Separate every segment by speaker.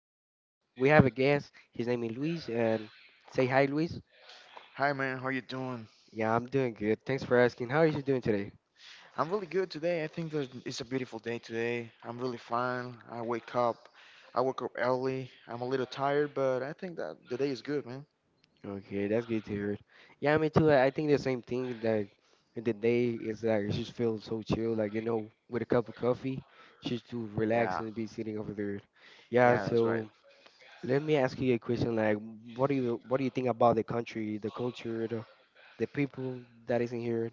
Speaker 1: podcast. We have a guest. His name is Luis, and say hi, Luis.
Speaker 2: Hi man, how you doing?
Speaker 1: Yeah, I'm doing good. Thanks for asking. How are you doing today?
Speaker 2: I'm really good today. I think that it's a beautiful day today. I'm really fine. I wake up. I woke up early. I'm a little tired, but I think that the day is good, man.
Speaker 1: Okay, that's good to hear. Yeah, me too. I think the same thing. Like, the day is like it just feels so chill. Like, you know, with a cup of coffee, just to relax
Speaker 2: Yeah,
Speaker 1: and be sitting over there. Yeah.
Speaker 2: yeah, that's right.
Speaker 1: So let me ask you a question. Like, what do you think about the country, the culture, the people that is in here?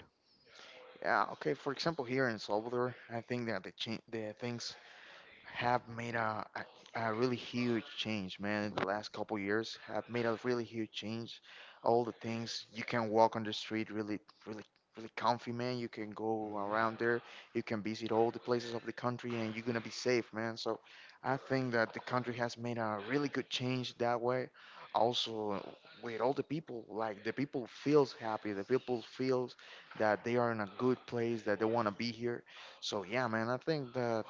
Speaker 2: Yeah, okay. For example, here in Salvador, I think that the the things have made a really huge change, man. In the last couple years, have made a really huge change. All the things you can walk on the street, really, really, really comfy, man. You can go around there. You can visit all the places of the country, and you're gonna be safe, man. So, I think that the country has made a really good change that way. Also, with all the people, like the people feels happy. The people feels that they are in a good place, that they wanna be here. So yeah, man, I think that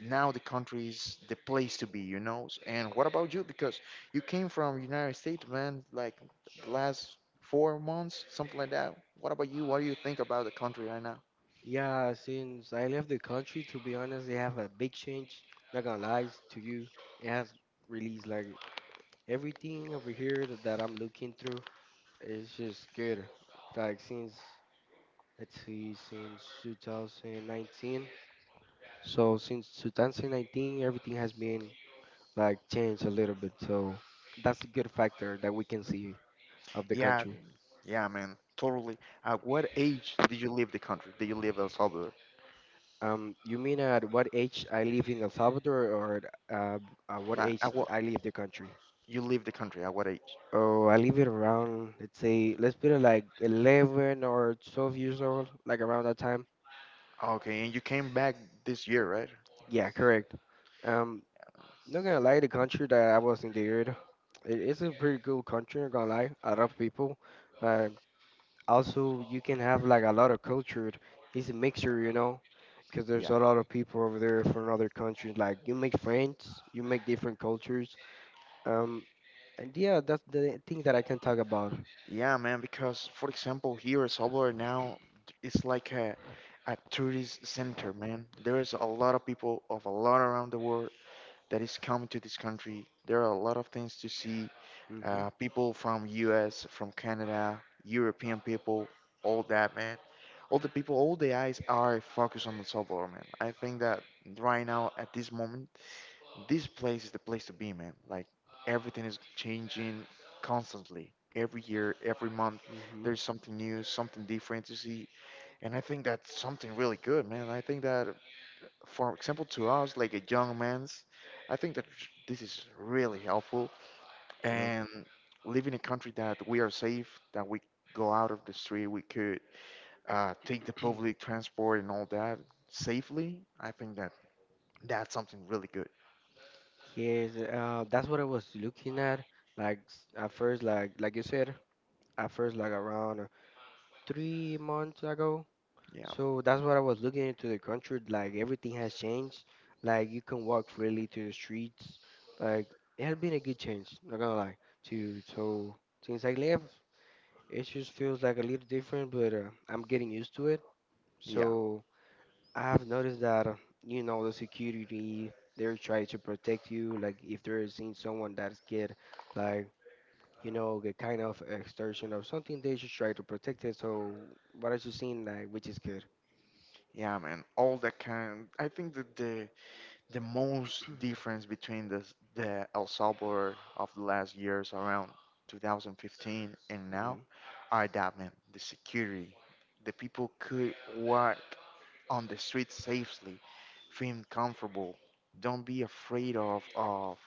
Speaker 2: now the country is the place to be. And what about you? Because you came from United States, man, like the last 4 months, something like that. What about you? What do you think about the country right now?
Speaker 1: Yeah, since I left the country, to be honest, they have a big change. Not gonna lie to you, it has released like everything over here that, that I'm looking through. It's just good. Like, since let's see, since 2019. So since 2019, everything has been like changed a little bit. So that's a good factor that we can see of the
Speaker 2: Yeah,
Speaker 1: country.
Speaker 2: yeah, man, totally. At what age did you leave the country? Did you leave El Salvador?
Speaker 1: You mean at what age I leave in El Salvador, or at, uh, at what
Speaker 2: Like,
Speaker 1: age
Speaker 2: at what
Speaker 1: I leave the country?
Speaker 2: you leave the country? At what age?
Speaker 1: Oh, I leave it around, let's say, let's put it like 11 or 12 years old, like around that time.
Speaker 2: Okay, and you came back this year, right?
Speaker 1: Yeah, correct. Um, Not gonna lie, the country that I was in the area, it's a pretty cool country, not gonna lie. A lot of people. Uh, Also, you can have like a lot of culture. It's a mixture, you know, because there's
Speaker 2: Yeah.
Speaker 1: a lot of people over there from other countries. Like, you make friends, you make different cultures. Um, and yeah, that's the thing that I can talk about.
Speaker 2: Yeah, man, because for example, here in Salvador now, it's like a tourist center, man. There is a lot of people of a lot around the world that is coming to this country. There are a lot of things to see.
Speaker 1: Mm-hmm.
Speaker 2: People from US, from Canada, European people, all that, man. All the people, all the eyes are focused on El Salvador, man. I think that right now, at this moment, this place is the place to be, man. Like everything is changing constantly. Every year, every month,
Speaker 1: Mm-hmm.
Speaker 2: there's something new, something different to see. And I think that's something really good, man. I think that, for example, to us, like a young man's, I think that this is really helpful.
Speaker 1: Yep.
Speaker 2: And live in a country that we are safe, that we go out of the street, we could take the public transport and all that safely. I think that that's something really good.
Speaker 1: Yes, that's what I was looking at. Like at first, like you said, at first, like around 3 months ago.
Speaker 2: Yeah,
Speaker 1: So that's what I was looking into the country. Like, everything has changed. Like, you can walk freely to the streets. Like, it has been a good change. Not gonna lie to you. So since I left, it just feels like a little different, but I'm getting used to it.
Speaker 2: yeah.
Speaker 1: So I've noticed that, you know, the security, they're trying to protect you. Like, if they're seeing someone that's get, like, you know, the kind of extortion or something, they should try to protect it. So, what I you seen, like, which is good.
Speaker 2: Yeah, man, all that kind. I think that the most difference between the the El Salvador of the last years around 2015 and now
Speaker 1: Hmm,
Speaker 2: are that man, the security, the people could walk on the street safely, feeling comfortable. Don't be afraid of of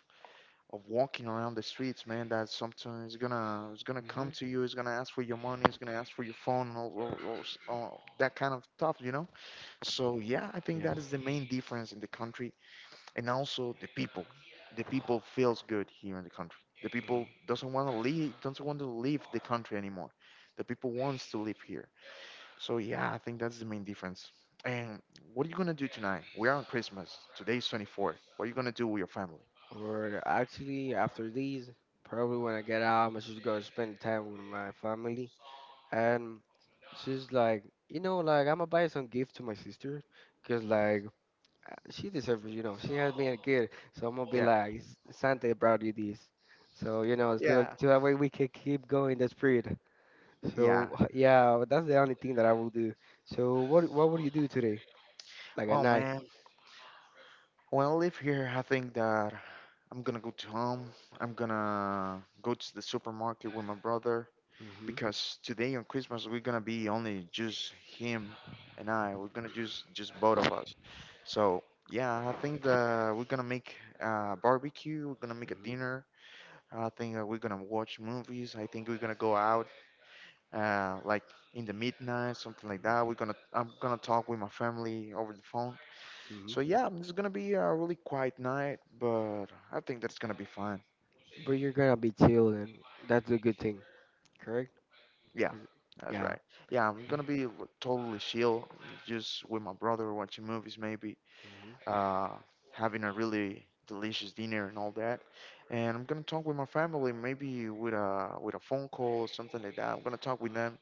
Speaker 2: of walking around the streets, man. That something is gonna
Speaker 1: hmm.
Speaker 2: come to you. It's gonna ask for your money. It's gonna ask for your phone. All that kind of stuff, So yeah, I think
Speaker 1: Yes.
Speaker 2: that is the main difference in the country, and also the people. The people feels good here in the country. The people
Speaker 1: Hmm.
Speaker 2: doesn't want to leave, doesn't want to leave the country anymore. The people wants to live here. So yeah, I think that's the main difference. And what are you gonna do tonight? We are on Christmas. Today's 24th. What are you gonna do with your family?
Speaker 1: Or actually, after these, probably when I get out, I'm just gonna spend time with my family. And she's like, you know, like, I'm gonna buy some gift to my sister. Because, like, she deserves it, you know. She has been a kid, so I'm gonna be
Speaker 2: Yeah,
Speaker 1: like, Santa brought you this." So, you know, so,
Speaker 2: yeah,
Speaker 1: so that way we can keep going the spirit.
Speaker 2: yeah.
Speaker 1: So yeah, but that's the only thing that I will do. So what would you do today, like at
Speaker 2: Well,
Speaker 1: night?
Speaker 2: man, when I live here, I think that I'm gonna go to home. I'm gonna go to the supermarket with my brother,
Speaker 1: Mhm,
Speaker 2: because today on Christmas we're gonna be only just him and I. We're gonna just both of us. So yeah, I think that we're gonna make barbecue. We're gonna make a
Speaker 1: mhm,
Speaker 2: dinner. I think we're gonna watch movies. I think we're gonna go out like in the midnight, something like
Speaker 1: mhm,
Speaker 2: that. We're gonna I'm gonna talk with my family over the phone.
Speaker 1: mhm.
Speaker 2: So yeah, it's gonna be a really quiet night, but I think that's gonna be fun.
Speaker 1: But you're gonna be chill, and that's a good thing, correct?
Speaker 2: Yeah,
Speaker 1: Like,
Speaker 2: that's
Speaker 1: yeah.
Speaker 2: right. Yeah, I'm
Speaker 1: Yeah.
Speaker 2: gonna be totally chill, just with my brother watching movies, maybe,
Speaker 1: Mhm,
Speaker 2: uh, having a really delicious dinner and all that. And I'm gonna talk with my family, maybe with a phone call or something like that. I'm gonna talk with them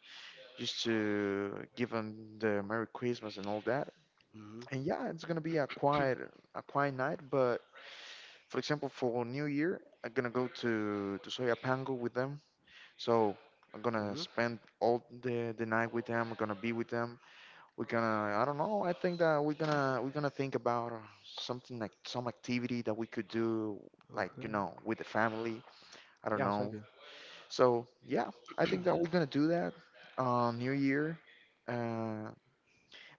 Speaker 2: just to give them the Merry Christmas and all that.
Speaker 1: mhm,
Speaker 2: And yeah, it's gonna be a quiet night, but for example, for New Year, I'm gonna go to Soyapango with them. So I'm gonna
Speaker 1: mhm.
Speaker 2: spend all the night with them. I'm gonna be with them. We're gonna I don't know. I think that we're gonna think about something like some activity that we could do, like,
Speaker 1: Okay.
Speaker 2: with the family. I don't
Speaker 1: Yeah, sounds
Speaker 2: know.
Speaker 1: good.
Speaker 2: So yeah, I think that we're gonna do that. New Year, uh,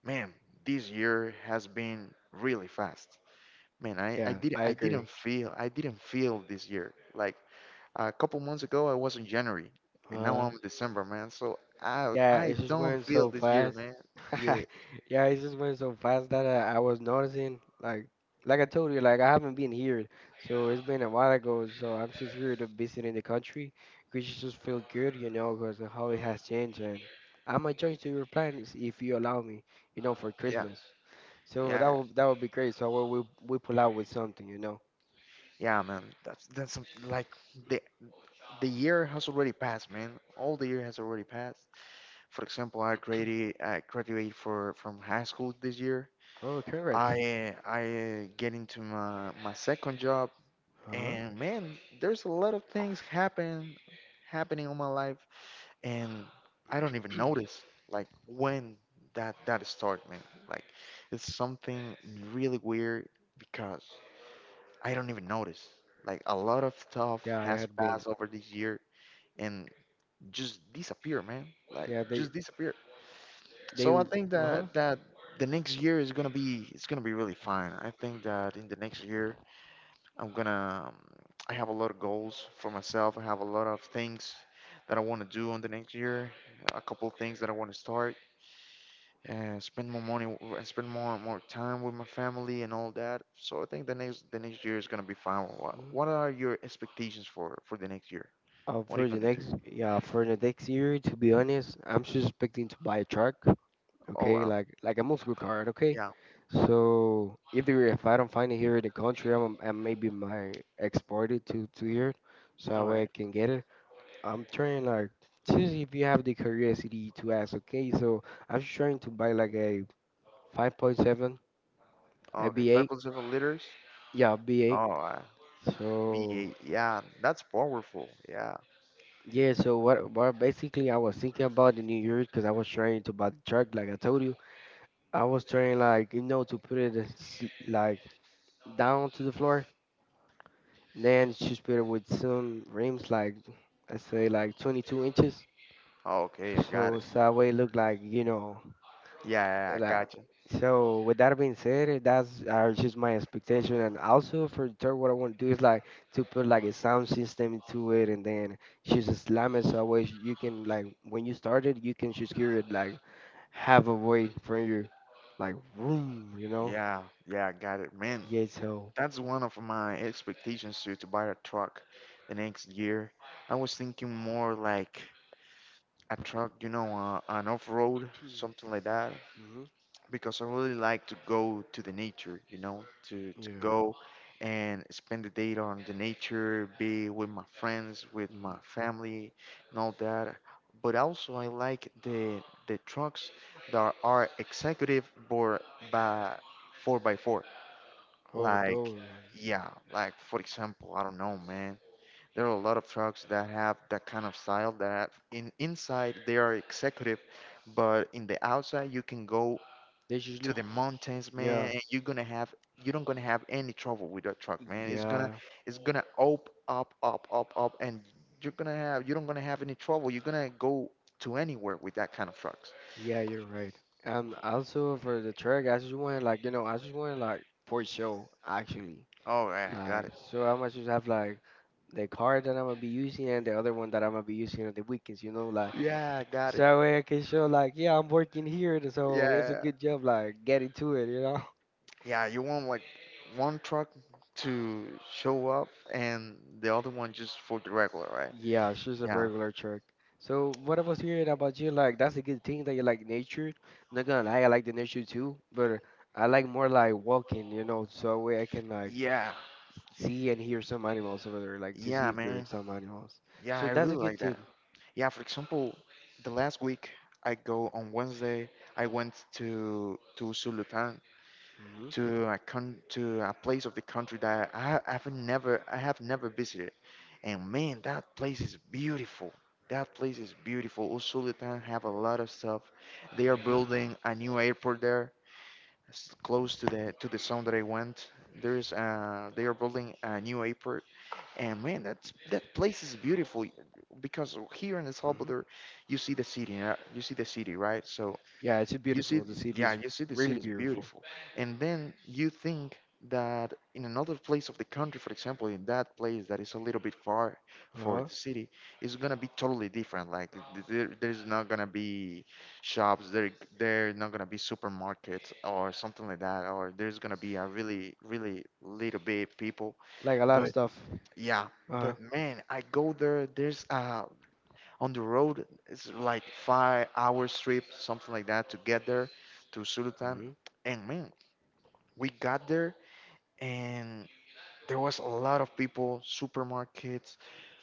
Speaker 2: man, this year has been really fast. Man,
Speaker 1: Yeah, I
Speaker 2: I didn't
Speaker 1: agree.
Speaker 2: feel I didn't feel this year like a couple months ago, I was in January, and now
Speaker 1: Uh,
Speaker 2: I'm in December, man. So I
Speaker 1: Yeah,
Speaker 2: I
Speaker 1: it just
Speaker 2: don't
Speaker 1: went
Speaker 2: feel
Speaker 1: so
Speaker 2: this year,
Speaker 1: fast.
Speaker 2: man. Yeah,
Speaker 1: Yeah, it just went so fast that I was noticing, like I told you, like, I haven't been here, so it's been a while ago. So I'm just here to visit in the country, which just feel good, you know, because of how it has changed. And I might join to your plans if you allow me, you know, for
Speaker 2: yeah,
Speaker 1: Christmas. So that
Speaker 2: yeah,
Speaker 1: would that would be great. So we pull out with something, you know.
Speaker 2: yeah, man. That's Like the the year has already passed, man. All the year has already passed. For example, I graduated for from high school this year.
Speaker 1: Oh,
Speaker 2: I
Speaker 1: congrats.
Speaker 2: uh, I uh, get into my second job,
Speaker 1: Huh?
Speaker 2: and man, there's a lot of things happening on my life and I don't even notice like when that started, man. Like it's something really weird because I don't even notice. Like a lot of stuff
Speaker 1: Yeah, I
Speaker 2: has
Speaker 1: had been.
Speaker 2: passed over this year and just disappear, man. Like
Speaker 1: Yeah, they
Speaker 2: just disappear.
Speaker 1: they.
Speaker 2: So I think
Speaker 1: Uh huh.
Speaker 2: that the next year is gonna be really fine. I think that in the next year I'm gonna. I have a lot of goals for myself. I have a lot of things that I want to do on the next year. A couple of things that I want to start. And spend more money. And spend more time with my family and all that. So I think the next year is gonna be fine. What are your expectations for the next year? What are you
Speaker 1: For the
Speaker 2: gonna do?
Speaker 1: next, yeah, for the next year, to be honest, I'm just expecting to buy a truck.
Speaker 2: Oh
Speaker 1: Okay,
Speaker 2: wow.
Speaker 1: like a muscle car. Okay,
Speaker 2: Yeah.
Speaker 1: so either if I don't find it here in the country, I maybe might export it to here, so that
Speaker 2: All
Speaker 1: way I
Speaker 2: right.
Speaker 1: can get it. I'm trying, like, seriously, if you have the curiosity to ask. Okay, so I'm just trying to buy like a 5.7, a
Speaker 2: Okay. Five
Speaker 1: B8,
Speaker 2: point seven liters.
Speaker 1: yeah, B8.
Speaker 2: Oh,
Speaker 1: So
Speaker 2: V8. Yeah, that's powerful. Yeah.
Speaker 1: yeah, so what basically I was thinking about the New Year's because I was trying to buy the truck, like I told you. I was trying, like, you know, to put it as, like, down to the floor. Then just put it with some rims, like, I say, like 22 inches.
Speaker 2: Okay, I got
Speaker 1: So, so
Speaker 2: it.
Speaker 1: that way it look like, you know,
Speaker 2: Yeah, yeah, yeah. I
Speaker 1: La-
Speaker 2: got
Speaker 1: So with that being said, that's are just my expectation, and also for the third, what I want to do is like to put like a sound system into it, and then just slam it so way you can, like, when you start it, you can just hear it like have a way from you, like room, you know?
Speaker 2: Yeah, yeah, I got it. Man,
Speaker 1: Yeah. So.
Speaker 2: that's one of my expectations too, to buy a truck the next year. I was thinking more like a truck, an off-road, something like that,
Speaker 1: Hmm.
Speaker 2: because I really like to go to the nature, to
Speaker 1: Yeah.
Speaker 2: go and spend the day on the nature, be with my friends, with
Speaker 1: Hmm.
Speaker 2: my family, and all that. But also I like the trucks that are executive board by 4 by 4
Speaker 1: Oh,
Speaker 2: like,
Speaker 1: those ones.
Speaker 2: yeah, like for example, I don't know, man. There are a lot of trucks that have that kind of style that have in inside they are executive, but in the outside you can go
Speaker 1: They just
Speaker 2: to
Speaker 1: look.
Speaker 2: the mountains,
Speaker 1: Yeah.
Speaker 2: man, and you don't gonna have any trouble with that truck, man. It's gonna
Speaker 1: Yeah.
Speaker 2: it's gonna up up up up up, and you don't gonna have any trouble. You're gonna go to anywhere with that kind of trucks.
Speaker 1: Yeah, you're right. And also for the track, I just wanted, like, you know, I just wanted, like, for show actually.
Speaker 2: Oh yeah, got
Speaker 1: Like,
Speaker 2: it.
Speaker 1: so I might just have like the card that I'm gonna be using and the other one that I'm gonna be using on the weekends, you know, like,
Speaker 2: Yeah, got
Speaker 1: so
Speaker 2: it.
Speaker 1: that way I can show like, yeah, I'm working here, so it's a
Speaker 2: Yeah,
Speaker 1: good job like getting to it, you know?
Speaker 2: Yeah, you want like one truck to show up and the other one just for the regular, right?
Speaker 1: Yeah, it's just a
Speaker 2: Yeah.
Speaker 1: regular truck. So what I was hearing about you, like, that's a good thing that you like nature. Not gonna lie, I like the nature too, but I like more like walking, you know, so that way I can like
Speaker 2: Yeah.
Speaker 1: see and hear some animals over there, like to see
Speaker 2: Yeah,
Speaker 1: if there are
Speaker 2: man.
Speaker 1: some animals.
Speaker 2: Yeah,
Speaker 1: So
Speaker 2: I
Speaker 1: that's a
Speaker 2: really
Speaker 1: good
Speaker 2: like
Speaker 1: thing.
Speaker 2: that. Yeah, for example, the last week I go on Wednesday, I went to Sulutan
Speaker 1: Hmm,
Speaker 2: to a con to a place of the country that I have never visited. And man, that place is beautiful. That place is beautiful. Usulutan have a lot of stuff. They are
Speaker 1: hmm,
Speaker 2: building a new airport there close to the zone that I went. There's they are building a new airport, and man, that place is beautiful because here in El
Speaker 1: hmm.
Speaker 2: Salvador, you see the city, you see the city, right? So
Speaker 1: Yeah, it's
Speaker 2: you see,
Speaker 1: beautiful. The city
Speaker 2: yeah,
Speaker 1: is
Speaker 2: you see the
Speaker 1: really
Speaker 2: city is
Speaker 1: beautiful.
Speaker 2: beautiful. And then you think that in another place of the country, for example, in that place that is a little bit far
Speaker 1: Uh
Speaker 2: for
Speaker 1: huh.
Speaker 2: the city, it's gonna be totally different. Like there's not gonna be shops, there not gonna be supermarkets or something like that, or there's gonna be a really, really little bit people.
Speaker 1: Like a lot of
Speaker 2: But
Speaker 1: stuff.
Speaker 2: yeah,
Speaker 1: Uh
Speaker 2: but
Speaker 1: huh.
Speaker 2: man, I go there. There's on the road. It's like 5 hours trip, something like that, to get there to Sultan.
Speaker 1: Hmm,
Speaker 2: And man, we got there and there was a lot of people, supermarkets,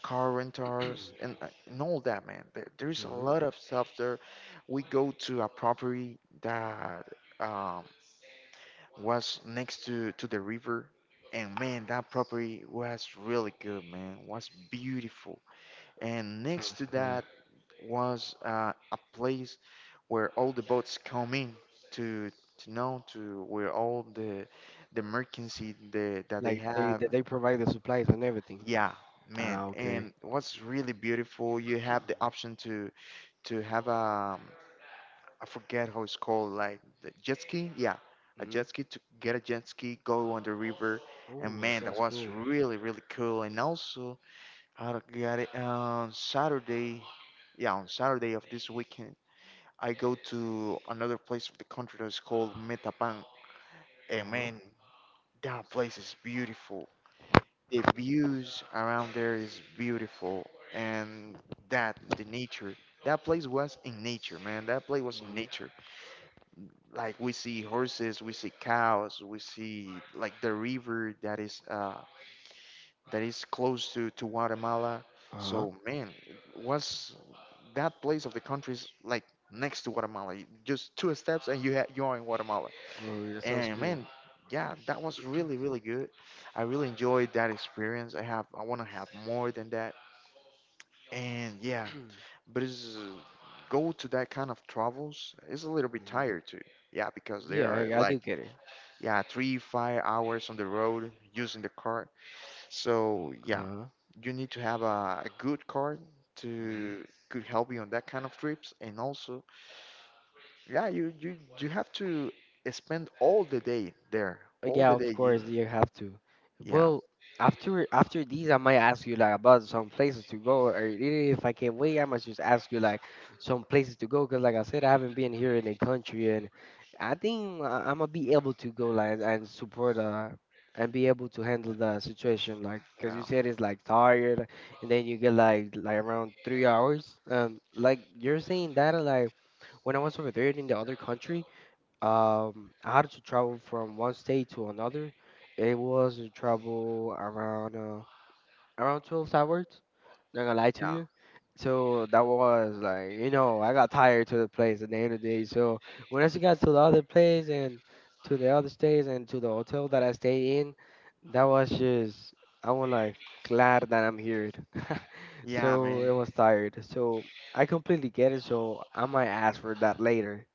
Speaker 2: car rentals, and all that, man. There's a
Speaker 1: hmm.
Speaker 2: lot of stuff there. We go to a property that um, was next to, the river. And man, that property was really good, man. Was beautiful. And next
Speaker 1: Sounds
Speaker 2: to
Speaker 1: cool.
Speaker 2: that was a place where all the boats come in to to know to where all the mercancy that they
Speaker 1: Like
Speaker 2: have.
Speaker 1: they provide the supplies and everything.
Speaker 2: Yeah, man.
Speaker 1: Ah, okay.
Speaker 2: And what's really beautiful, you have the option to have a I forget how it's called, like the jet ski. Yeah, a
Speaker 1: Hmm.
Speaker 2: jet ski to get a jet ski, go on the river, and
Speaker 1: Oh, it
Speaker 2: man, that
Speaker 1: sounds
Speaker 2: was
Speaker 1: cool.
Speaker 2: really cool. And also I got it on Saturday. Yeah, on Saturday of this weekend, I go to another place of the country that's called Metapan.
Speaker 1: Uh
Speaker 2: And
Speaker 1: huh.
Speaker 2: man, that place is beautiful. The views around there is beautiful, and that the nature. That place was in nature, man. That place was in
Speaker 1: Hmm.
Speaker 2: nature. Like we see horses, we see cows, we see like the river that is close to Guatemala.
Speaker 1: Uh huh.
Speaker 2: So man, it was that place of the country is like next to Guatemala. Just two steps and you you are in Guatemala.
Speaker 1: Oh, that sounds
Speaker 2: And
Speaker 1: cool.
Speaker 2: man, yeah, that was really good. I really enjoyed that experience. I want to have more than that. And yeah, but it's go to that kind of travels. Is a little bit
Speaker 1: Hmm.
Speaker 2: tired too. Yeah, because they
Speaker 1: Yeah,
Speaker 2: are
Speaker 1: I
Speaker 2: like
Speaker 1: do get it.
Speaker 2: yeah three five hours on the road using the car. So
Speaker 1: Uh
Speaker 2: yeah,
Speaker 1: huh.
Speaker 2: you need to have a good card to could help you on that kind of trips, and also yeah, you have to spend all the day there,
Speaker 1: Uh,
Speaker 2: all
Speaker 1: Yeah,
Speaker 2: the day.
Speaker 1: of course you have to.
Speaker 2: Yeah,
Speaker 1: Well, after after these, I might ask you like about some places to go, or even if I can't wait, I must just ask you like some places to go, because like I said, I haven't been here in the country, and I think I'm gonna be able to go like and support and be able to handle the situation like because you
Speaker 2: yeah,
Speaker 1: said it's like tired, and then you get like around 3 hours. Like, you're saying that like when I was over there in the other country how to travel from one state to another. It was a travel around around 12 hours. Not gonna lie to
Speaker 2: yeah,
Speaker 1: you. So that was like, you know, I got tired to the place at the end of the day. So when I got to the other place and to the other states and to the hotel that I stayed in, that was just I was like glad that I'm here.
Speaker 2: yeah,
Speaker 1: So it
Speaker 2: man.
Speaker 1: was tired. So I completely get it. So I might ask for that later.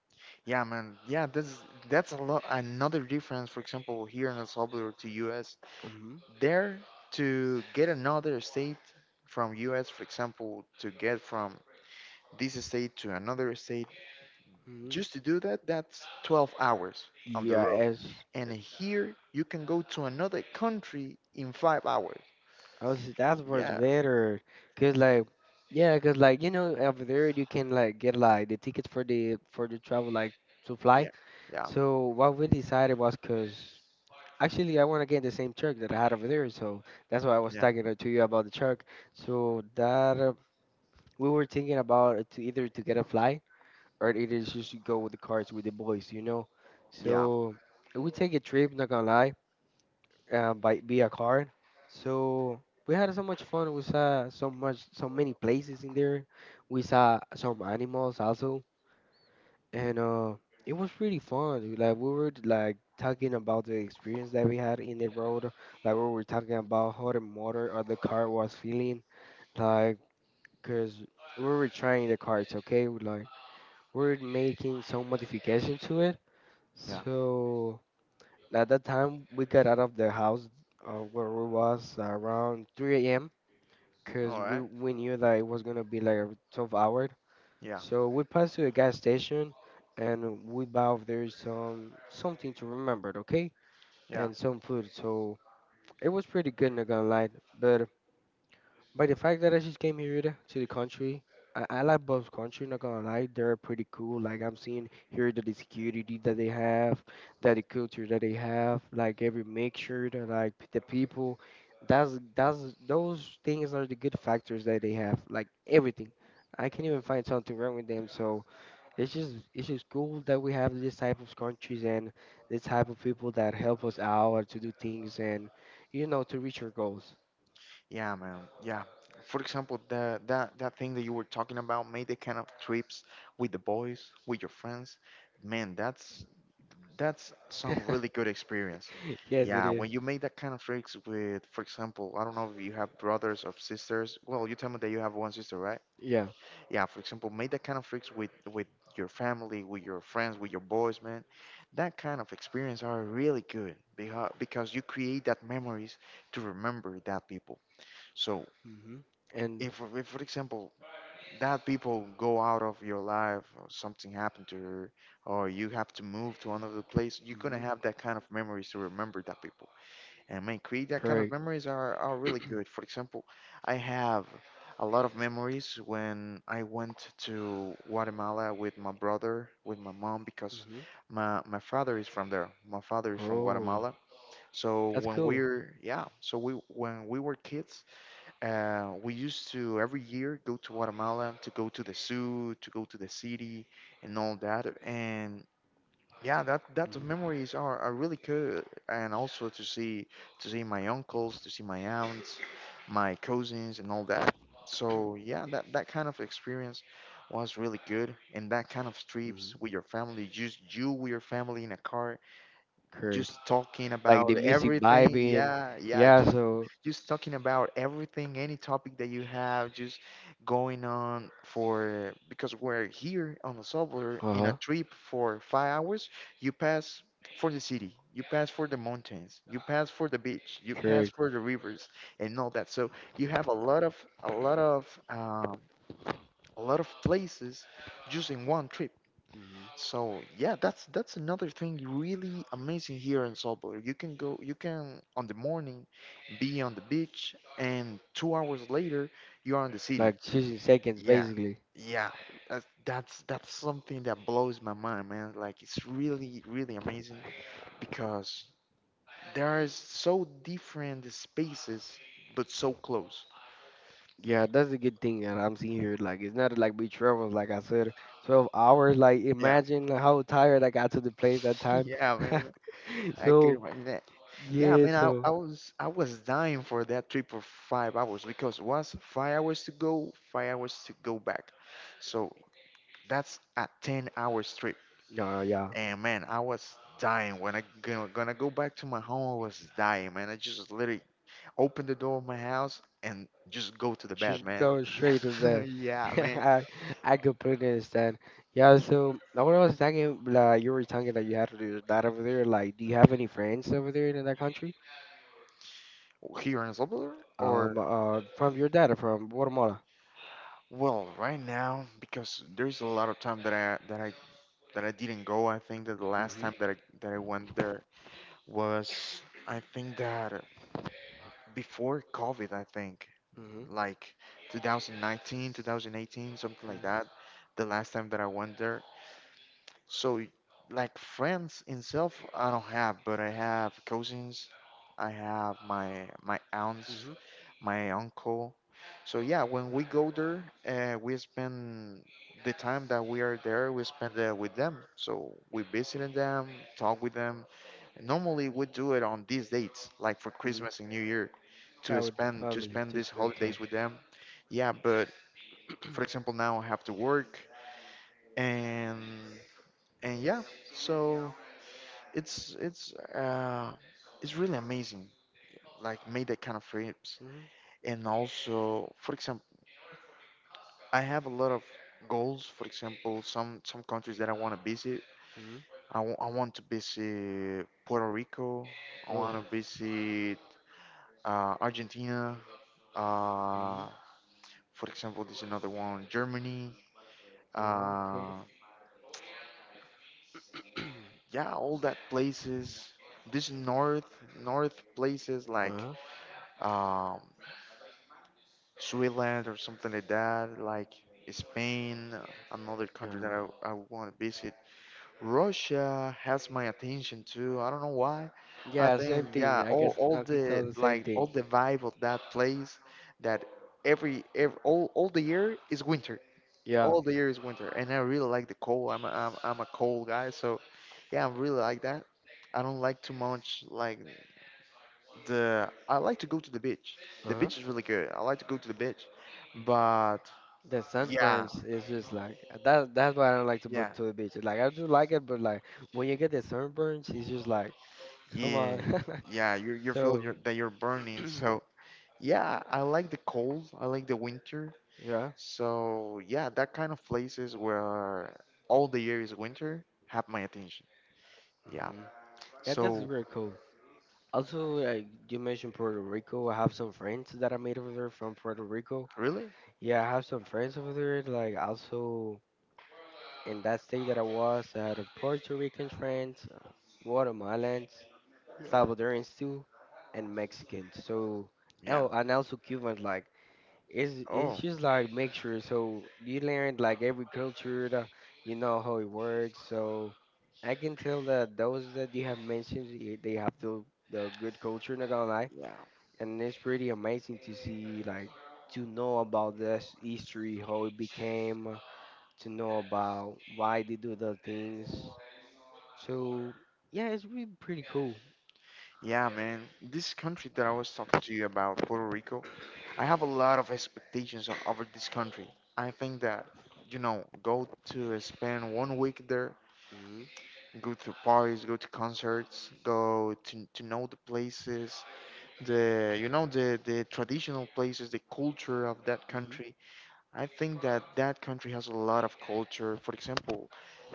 Speaker 2: Yeah, man. Yeah, that's a lot another difference. For example, here in El Salvador to U.S.,
Speaker 1: Hmm.
Speaker 2: there to get another state from U.S. For example, to get from this state to another state Just to do that, that's 12 hours on the
Speaker 1: Yeah,
Speaker 2: road.
Speaker 1: as
Speaker 2: And here you can go to another country in 5 hours.
Speaker 1: I was, that's what's
Speaker 2: Yeah,
Speaker 1: better. Cause, like, yeah, cause, like, you know, over there you can like get like the tickets for the travel like to fly.
Speaker 2: yeah, yeah,
Speaker 1: So what we decided was cause actually I wanna get the same truck that I had over there, so that's why I was
Speaker 2: yeah,
Speaker 1: talking to you about the truck. So that we were thinking about to either to get a fly or either just go with the cars with the boys, you know.
Speaker 2: yeah,
Speaker 1: So we take a trip, not gonna lie, by via car. So we had so much fun. We saw so much, so many places in there. We saw some animals also, and it was really fun. Like, we were like talking about the experience that we had in the road. Like, we were talking about how the motor or the car was feeling. Like, cause we were trying the cars. Okay, we, like we're making some modification to it.
Speaker 2: yeah.
Speaker 1: So at that time, we got out of the house where we was around 3 a.m. because
Speaker 2: All
Speaker 1: we,
Speaker 2: right.
Speaker 1: we knew that it was gonna be like a 12 hour.
Speaker 2: Yeah,
Speaker 1: So we passed to a gas station and we bought there some something to remember, okay?
Speaker 2: yeah,
Speaker 1: And some food. So it was pretty good, not gonna lie. But by the fact that I just came here to the country, I like both country, not gonna lie, they're pretty cool. Like, I'm seeing here that the security that they have, that the culture that they have, like every mixture that like the people. That's those things are the good factors that they have. Like everything. I can't even find something wrong with them, so it's just cool that we have this type of countries and this type of people that help us out to do things and to reach our goals.
Speaker 2: yeah, man. Yeah. For example, the that thing that you were talking about, made the kind of trips with the boys, with your friends. Man, That's some really good experience.
Speaker 1: Yes, it
Speaker 2: Yeah,
Speaker 1: is.
Speaker 2: when you make that kind of tricks with, for example, I don't know if you have brothers or sisters. Well, you tell me that you have one sister, right?
Speaker 1: Yeah.
Speaker 2: Yeah, for example, make that kind of tricks with your family, with your friends, with your boys, man. That kind of experience are really good because you create that memories to remember that people. So
Speaker 1: hmm And
Speaker 2: if for example, that people go out of your life or something happened to her or you have to move to another place you're going to
Speaker 1: hmm
Speaker 2: have that kind of memories to remember that people and man create that kind of
Speaker 1: correct.
Speaker 2: memories are really good for example I have a lot of memories when I went to guatemala with my brother with my mom because
Speaker 1: hmm
Speaker 2: my father is from there my father is from
Speaker 1: Oh,
Speaker 2: guatemala so
Speaker 1: that's
Speaker 2: when
Speaker 1: cool.
Speaker 2: we're yeah so we when we were kids we used to every year go to Guatemala to go to the zoo, to go to the city, and all that. And yeah, that
Speaker 1: hmm
Speaker 2: memories are really good. And also to see my uncles, to see my aunts, my cousins, and all that. So yeah, that kind of experience was really good. And that kind of
Speaker 1: hmm
Speaker 2: trips with your family, just you with your family in a car, just
Speaker 1: Correct.
Speaker 2: talking
Speaker 1: Like
Speaker 2: about
Speaker 1: the music
Speaker 2: everything.
Speaker 1: vibing.
Speaker 2: Yeah, yeah,
Speaker 1: Yeah. So.
Speaker 2: just talking about everything, any topic that you have, just going on for because we're here on the subway
Speaker 1: Uh
Speaker 2: in a
Speaker 1: huh.
Speaker 2: trip for 5 hours. You pass for the city, you pass for the mountains, you pass for the beach, you pass
Speaker 1: Correct.
Speaker 2: for the rivers, and all that. So you have a lot of a lot of um, a lot of places just in one trip.
Speaker 1: hmm
Speaker 2: So yeah, that's another thing really amazing here in Salzburg. You can go, you can on the morning be on the beach, and 2 hours later you are in the city.
Speaker 1: Like choosing seconds,
Speaker 2: Yeah,
Speaker 1: basically.
Speaker 2: yeah, that's something that blows my mind, man. Like it's really amazing because there is so different spaces but so close.
Speaker 1: Yeah, that's a good thing that I'm seeing here. Like, it's not like we traveled, like I said, 12 hours. Like,
Speaker 2: Yeah,
Speaker 1: imagine how tired I got to the place that time.
Speaker 2: yeah, man. I can
Speaker 1: so,
Speaker 2: imagine. Yeah, I
Speaker 1: yeah,
Speaker 2: mean,
Speaker 1: so,
Speaker 2: I was dying for that trip for 5 hours because it was 5 hours to go, 5 hours to go back. So that's a 10 hours trip.
Speaker 1: yeah, yeah.
Speaker 2: And man, I was dying when I gonna go back to my home. I was dying, man. I just literally opened the door of my house and just go to the bed,
Speaker 1: Just
Speaker 2: man.
Speaker 1: go straight to bed.
Speaker 2: Yeah, man.
Speaker 1: I I completely understand. Yeah, so now what I was talking, like you were talking that you had to do that over there. Like, do you have any friends over there in that country?
Speaker 2: Here in Salvador or
Speaker 1: From your dad or from Guatemala?
Speaker 2: well, right now because there's a lot of time that I didn't go. I think that the last
Speaker 1: Mm-hmm.
Speaker 2: time that I went there was I think that before COVID, I think
Speaker 1: Mm-hmm.
Speaker 2: like 2019, 2018, something like
Speaker 1: Mm-hmm.
Speaker 2: that. The last time that I went there, so, like friends itself I don't have, but I have cousins. I have my aunts,
Speaker 1: Mm-hmm.
Speaker 2: my uncle. So yeah, when we go there, we spend the time that we are there. We spend with them. So we visited them, talk with them. Normally, we do it on these dates, like for
Speaker 1: Mm-hmm.
Speaker 2: Christmas and New Year,
Speaker 1: Yeah, with the
Speaker 2: to
Speaker 1: family
Speaker 2: spend
Speaker 1: to
Speaker 2: these
Speaker 1: spend
Speaker 2: holidays
Speaker 1: time.
Speaker 2: with them. Yeah, but for example, now I have to work and and yeah so it's it's really amazing like make that kind of trips
Speaker 1: Mm-hmm.
Speaker 2: and also for example I have a lot of goals for example some countries that I want to visit
Speaker 1: Mm-hmm.
Speaker 2: I want to visit puerto rico I
Speaker 1: Oh.
Speaker 2: want to visit argentina
Speaker 1: Mm-hmm.
Speaker 2: uh, for example there's another one germany
Speaker 1: Oh,
Speaker 2: uh,
Speaker 1: cool.
Speaker 2: yeah all that places this north places like
Speaker 1: Uh-huh.
Speaker 2: um, Switzerland or something like that, like Spain, another country
Speaker 1: Uh,
Speaker 2: that I want to visit. Russia has my attention too. I don't know why. I
Speaker 1: yeah,
Speaker 2: think
Speaker 1: same thing.
Speaker 2: yeah,
Speaker 1: I can
Speaker 2: all
Speaker 1: I can tell
Speaker 2: the
Speaker 1: the same
Speaker 2: like
Speaker 1: thing.
Speaker 2: all the vibe of that place that every all the year is winter.
Speaker 1: Yeah.
Speaker 2: All the year is winter, and I really like the cold. I'm a, I'm a cold guy, so yeah, I really like that. I don't like too much like the I like to go to the beach. The
Speaker 1: Uh-huh.
Speaker 2: beach is really good. I like to go to the beach, but
Speaker 1: The
Speaker 2: yeah,
Speaker 1: sunburns is just like that. That's why I don't like to go
Speaker 2: yeah,
Speaker 1: to the beach. Like I do like it, but like when you get the sunburns, it's just like, come
Speaker 2: yeah,
Speaker 1: on.
Speaker 2: yeah. You feel
Speaker 1: So,
Speaker 2: your that you're burning. So yeah, I like the cold. I like the winter.
Speaker 1: yeah,
Speaker 2: So yeah, that kind of places where all the year is winter have my attention. Yeah.
Speaker 1: hmm yeah, that's
Speaker 2: So
Speaker 1: very cool. Also, like you mentioned Puerto Rico, I have some friends that I made over there from Puerto Rico.
Speaker 2: really,
Speaker 1: Yeah, I have some friends over there. Like also in that state that I was, I had a Puerto Rican friends, Guatemalans.
Speaker 2: yeah,
Speaker 1: Salvadorans too, and Mexicans. So,
Speaker 2: yeah.
Speaker 1: oh, and also Cubans. Like, it's
Speaker 2: Oh,
Speaker 1: just like mixture. So you learn like every culture, the, how it works. So I can tell that those that you have mentioned, they have the good culture. Not gonna lie,
Speaker 2: yeah,
Speaker 1: and it's pretty amazing to see like to know about this history, how it became, to know about why they do the things. So yeah, it's really pretty cool.
Speaker 2: yeah, man. This country that I was talking to you about, Puerto Rico. I have a lot of expectations on, over this country. I think that, you know, go to spend 1 week there,
Speaker 1: Mm-hmm.
Speaker 2: go to parties, go to concerts, to know the places, the, you know, the traditional places, the culture of that
Speaker 1: Mm-hmm.
Speaker 2: country. I think that that country has a lot of culture. For example,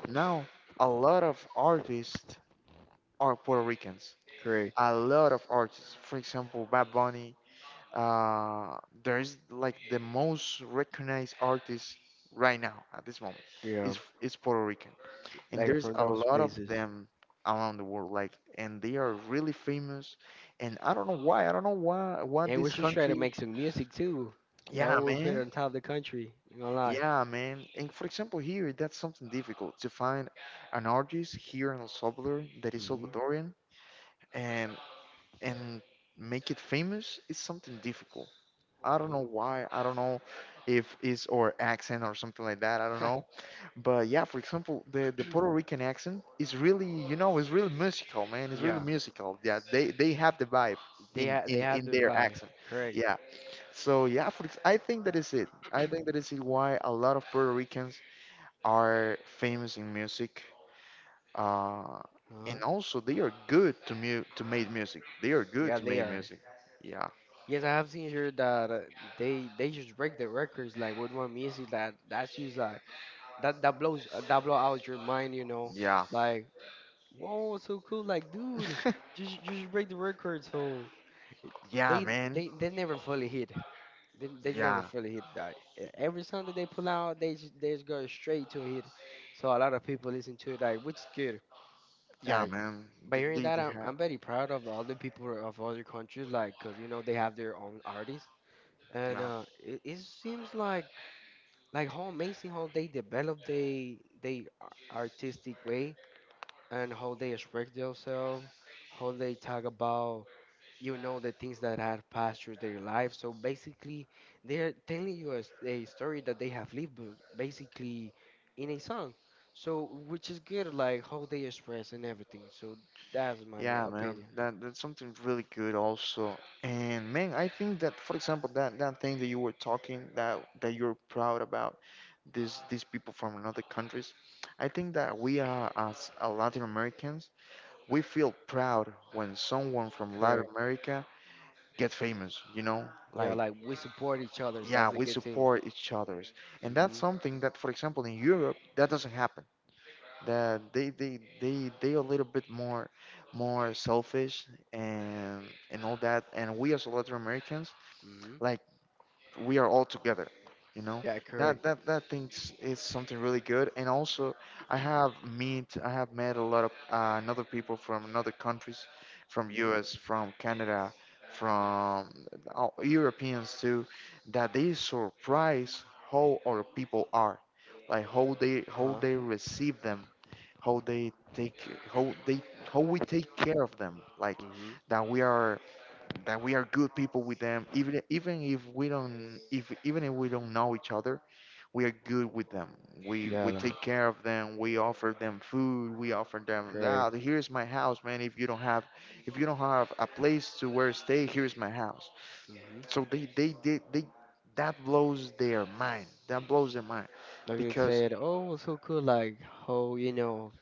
Speaker 2: now a lot of artists are Puerto Ricans.
Speaker 1: Great.
Speaker 2: A lot of artists, for example, Bad Bunny, Uh, there's like the most recognized artist right now at this moment
Speaker 1: Yeah,
Speaker 2: is Puerto Rican, and
Speaker 1: like
Speaker 2: there's
Speaker 1: from
Speaker 2: a
Speaker 1: those
Speaker 2: lot of
Speaker 1: places.
Speaker 2: them around the world. Like, and they are really famous. And I don't know why. I don't know why. Why
Speaker 1: And we
Speaker 2: this
Speaker 1: should try to
Speaker 2: country?
Speaker 1: make some music too. That's how
Speaker 2: Yeah,
Speaker 1: we would put
Speaker 2: man.
Speaker 1: on top of the country. Not gonna lie.
Speaker 2: Yeah, man. And for example, here that's something difficult to find an artist here in El Salvador that is
Speaker 1: hmm
Speaker 2: Salvadorian and and make it famous is something difficult. I don't know why. I don't know if it's or accent or something like that. I don't
Speaker 1: hmm
Speaker 2: know. But yeah, for example, the Puerto Rican accent is really, you know, it's really musical, man. It's really
Speaker 1: yeah,
Speaker 2: musical. Yeah, they have the vibe in
Speaker 1: they
Speaker 2: in
Speaker 1: have
Speaker 2: in
Speaker 1: the
Speaker 2: their
Speaker 1: vibe.
Speaker 2: accent.
Speaker 1: Correct.
Speaker 2: Yeah. So yeah, I think that is it. I think that is it why a lot of Puerto Ricans are famous in music. Uh, and
Speaker 1: Huh?
Speaker 2: also they are good to make music. They are good
Speaker 1: Yeah,
Speaker 2: to
Speaker 1: they
Speaker 2: make
Speaker 1: are.
Speaker 2: music. Yeah.
Speaker 1: Yes, I have seen here that they just break the records like with one music that's just like that blows that blow out your mind. You know,
Speaker 2: Yeah.
Speaker 1: like whoa, so cool. Like dude, just break the record. So
Speaker 2: yeah,
Speaker 1: they
Speaker 2: man.
Speaker 1: they they never fully hit. They never
Speaker 2: Yeah,
Speaker 1: fully hit that. Every song that they pull out, they just go straight to a hit. So a lot of people listen to it, like which is good.
Speaker 2: yeah,
Speaker 1: Like
Speaker 2: man.
Speaker 1: by hearing that,
Speaker 2: They have,
Speaker 1: I'm very proud of all the other people of other countries, like because they have their own artists, and
Speaker 2: yeah,
Speaker 1: it seems like how amazing how they develop artistic way and how they express themselves, how they talk about the things that have passed through their life. So basically they're telling you a story that they have lived basically in a song, so which is good like how they express and everything. So that's my
Speaker 2: yeah, man.
Speaker 1: opinion.
Speaker 2: That's something really good also. And man, I think that, for example, that thing that you were talking that you're proud about, these people from another countries, I think that we are as Latin Americans, we feel proud when someone from Latin
Speaker 1: Correct.
Speaker 2: America gets famous. You know,
Speaker 1: Yeah,
Speaker 2: like
Speaker 1: like we support each other,
Speaker 2: yeah,
Speaker 1: that's a
Speaker 2: we
Speaker 1: good thing.
Speaker 2: support each others, and that's
Speaker 1: Mm-hmm.
Speaker 2: something that, for example, in Europe, that doesn't happen, that they a little bit more selfish and and all that, and we as Latin Americans,
Speaker 1: Mm-hmm.
Speaker 2: like we are all together, you know,
Speaker 1: Yeah, correct.
Speaker 2: That thing is something really good. And also, i have meet i have met a lot of another people from another countries, from
Speaker 1: Mm-hmm.
Speaker 2: us, from canada, from europeans too, that they surprise how our people are, like how they how
Speaker 1: Uh-huh.
Speaker 2: they receive them, how they take how they how we take care of them, like
Speaker 1: Mm-hmm.
Speaker 2: that we are that we are good people with them, even if we don't if even if we don't know each other, we are good with them, we
Speaker 1: Yeah,
Speaker 2: we
Speaker 1: like
Speaker 2: take care of them, we offer them food, we offer them
Speaker 1: correct.
Speaker 2: that here's my house, man, if you don't have a place to where to stay, here's my house.
Speaker 1: Mm-hmm.
Speaker 2: So they that blows their mind, that blows their mind
Speaker 1: Like you
Speaker 2: because.
Speaker 1: said. Oh, so cool, like how you know,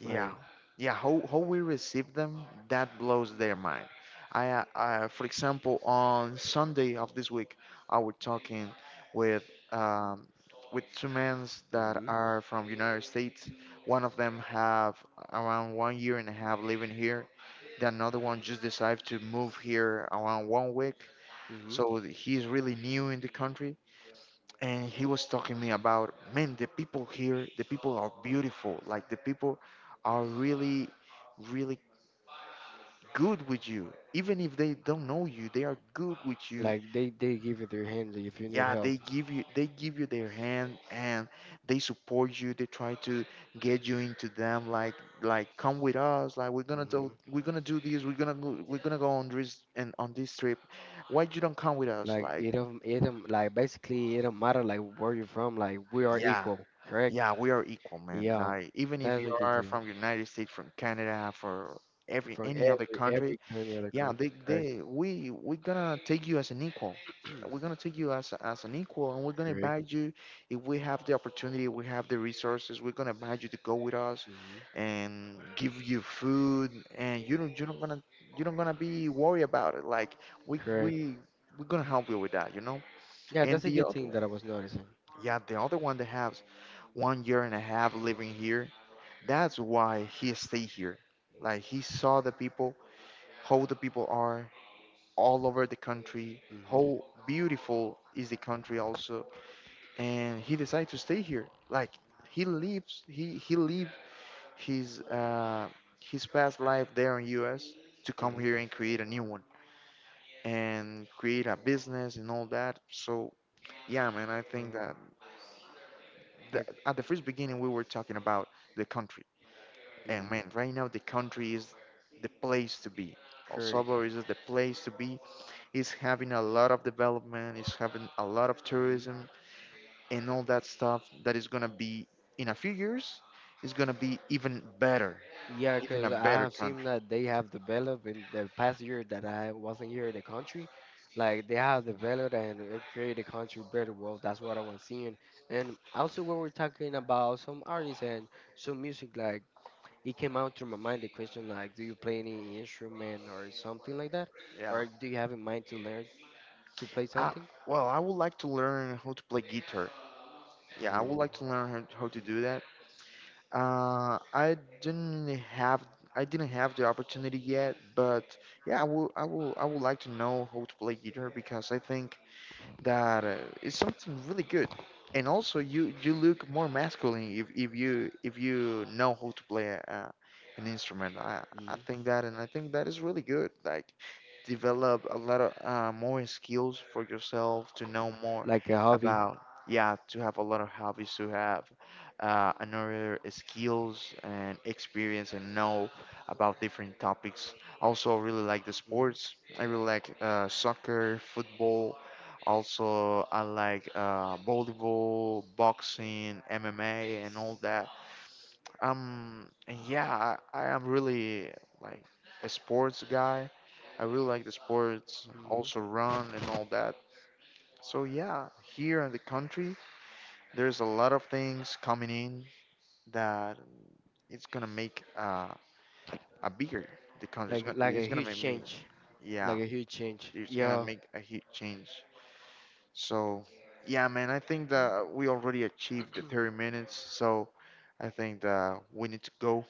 Speaker 2: Yeah,
Speaker 1: like.
Speaker 2: yeah. How we receive them, that blows their mind. I, for example, on Sunday of this week, I was talking with um, with two men that
Speaker 1: Mm-hmm.
Speaker 2: are from United States. One of them have around 1 year and a half living here. The another one just decided to move here around 1 week. So he's really new in the country, and he was talking me about, man, the people here, the people are beautiful, like the people are really really good with you, even if they don't know you, they are good with you,
Speaker 1: Like they give you their hands if you need
Speaker 2: yeah,
Speaker 1: help.
Speaker 2: they give you their hand, and they support you, they try to get you into them, like come with us, like we're gonna do
Speaker 1: hmm
Speaker 2: we're gonna do this, we're gonna go on this and on this trip, why you don't come with us?
Speaker 1: Like
Speaker 2: Like,
Speaker 1: it don't like basically it don't matter like where you're from. Like we are
Speaker 2: yeah,
Speaker 1: equal, correct?
Speaker 2: yeah, we are equal, man.
Speaker 1: Yeah,
Speaker 2: Like, even if
Speaker 1: that's
Speaker 2: you
Speaker 1: a good
Speaker 2: are
Speaker 1: thing.
Speaker 2: from United States, from Canada, for every
Speaker 1: From
Speaker 2: any other country,
Speaker 1: every kind of other
Speaker 2: yeah,
Speaker 1: country,
Speaker 2: they
Speaker 1: correct?
Speaker 2: we we're gonna take you as an equal. We're gonna take you as an equal, and we're gonna
Speaker 1: Correct.
Speaker 2: invite you. If we have the opportunity, we have the resources, we're gonna invite you to go with us,
Speaker 1: hmm
Speaker 2: and give you food, and you're not gonna be worried about it. Like we we
Speaker 1: Correct.
Speaker 2: we're gonna help you with that.
Speaker 1: Yeah,
Speaker 2: And
Speaker 1: that's a
Speaker 2: the
Speaker 1: good
Speaker 2: other,
Speaker 1: thing that I was noticing.
Speaker 2: yeah, the other one, they have 1 year and a half living here. That's why he stayed here. Like he saw the people, how the people are all over the country,
Speaker 1: hmm
Speaker 2: how beautiful is the country also, and he decided to stay here. Like he lives, he lived his uh, his past life there in U.S. to come
Speaker 1: hmm
Speaker 2: here and create a new one and create a business and all that. So yeah, man, I think
Speaker 1: Uh,
Speaker 2: that
Speaker 1: like,
Speaker 2: at the first beginning we were talking about the country. And
Speaker 1: hmm
Speaker 2: man, right now the country is the place to be. El
Speaker 1: correct.
Speaker 2: Salvador is the place to be. It's having a lot of development, it's having a lot of
Speaker 1: Mm-hmm.
Speaker 2: tourism and all that stuff, that is gonna be in a few years, is gonna be even better,
Speaker 1: Yeah,
Speaker 2: even a
Speaker 1: because I
Speaker 2: better
Speaker 1: have seen
Speaker 2: country.
Speaker 1: that they have developed in the past year that I wasn't here in the country. Like they have developed and created a country better world. That's what I was seeing. And also when we're talking about some artists and some music, like it came out through my mind the question like, do you play any instrument or something like that,
Speaker 2: Yeah.
Speaker 1: or do you have in mind to learn to play
Speaker 2: I,
Speaker 1: something?
Speaker 2: well, I would like to learn how to play guitar. Yeah, I would
Speaker 1: Oh,
Speaker 2: like to learn how to do that. Uh, I didn't have I didn't have the opportunity yet, but yeah, I would like to know how to play guitar, because I think that it's something really good. And also, you look more masculine if you know how to play an instrument. I
Speaker 1: hmm
Speaker 2: think that, and I think that is really good. Like, develop a lot of more skills for yourself, to know more
Speaker 1: like a hobby.
Speaker 2: about, yeah, to have a lot of hobbies, to have another skills and experience, and know about different topics also. I really like the
Speaker 1: hmm
Speaker 2: sports, I really like soccer, football also, I like volleyball, boxing, mma and all that, and yeah, I am really like a sports guy. I really like the sports,
Speaker 1: hmm
Speaker 2: also run and all that. So yeah, here in the country, there's a lot of things coming in, that it's gonna make a bigger the country. It's gonna
Speaker 1: Like a
Speaker 2: it's gonna
Speaker 1: huge
Speaker 2: make me,
Speaker 1: change.
Speaker 2: yeah,
Speaker 1: Like a huge change.
Speaker 2: it's gonna
Speaker 1: Yeah,
Speaker 2: make a huge change. So yeah, man, I think that we already achieved the 30 minutes. So I think that we need to go.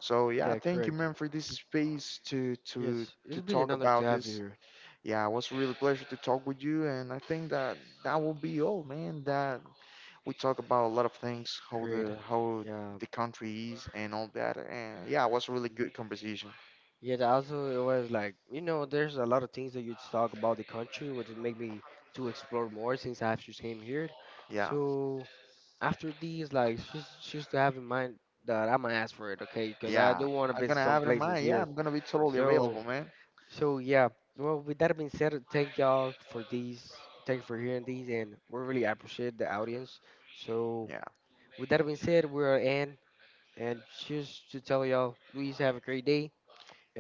Speaker 2: So yeah,
Speaker 1: yeah,
Speaker 2: thank you,
Speaker 1: correct.
Speaker 2: man, for this space to to
Speaker 1: Yes,
Speaker 2: to
Speaker 1: it's been an
Speaker 2: talk
Speaker 1: honor to
Speaker 2: about
Speaker 1: have you
Speaker 2: this.
Speaker 1: here.
Speaker 2: Yeah, it was really a pleasure to talk with you, and I think that that will be all, man. That we talk about a lot of things, how
Speaker 1: Great.
Speaker 2: the how
Speaker 1: Yeah.
Speaker 2: the country is and all that, and yeah, it was a really
Speaker 1: Mhm.
Speaker 2: good conversation.
Speaker 1: Yeah, also it was like, you know, there's a lot of things that you talk about the country, which make me to explore more since I just came here.
Speaker 2: Yeah,
Speaker 1: So after these, like, just to have in mind that I'm gonna ask for it, okay? Because I
Speaker 2: yeah,
Speaker 1: do want to
Speaker 2: I'm gonna
Speaker 1: visit some
Speaker 2: have it in
Speaker 1: places
Speaker 2: mind. Yeah,
Speaker 1: here.
Speaker 2: I'm gonna be totally
Speaker 1: So
Speaker 2: available, man.
Speaker 1: so yeah. Well, with that being said, thank y'all for these. Thank you for hearing these, and we really appreciate the audience. So
Speaker 2: Yeah,
Speaker 1: with that being said, we're in. And just to tell y'all, please have a great day.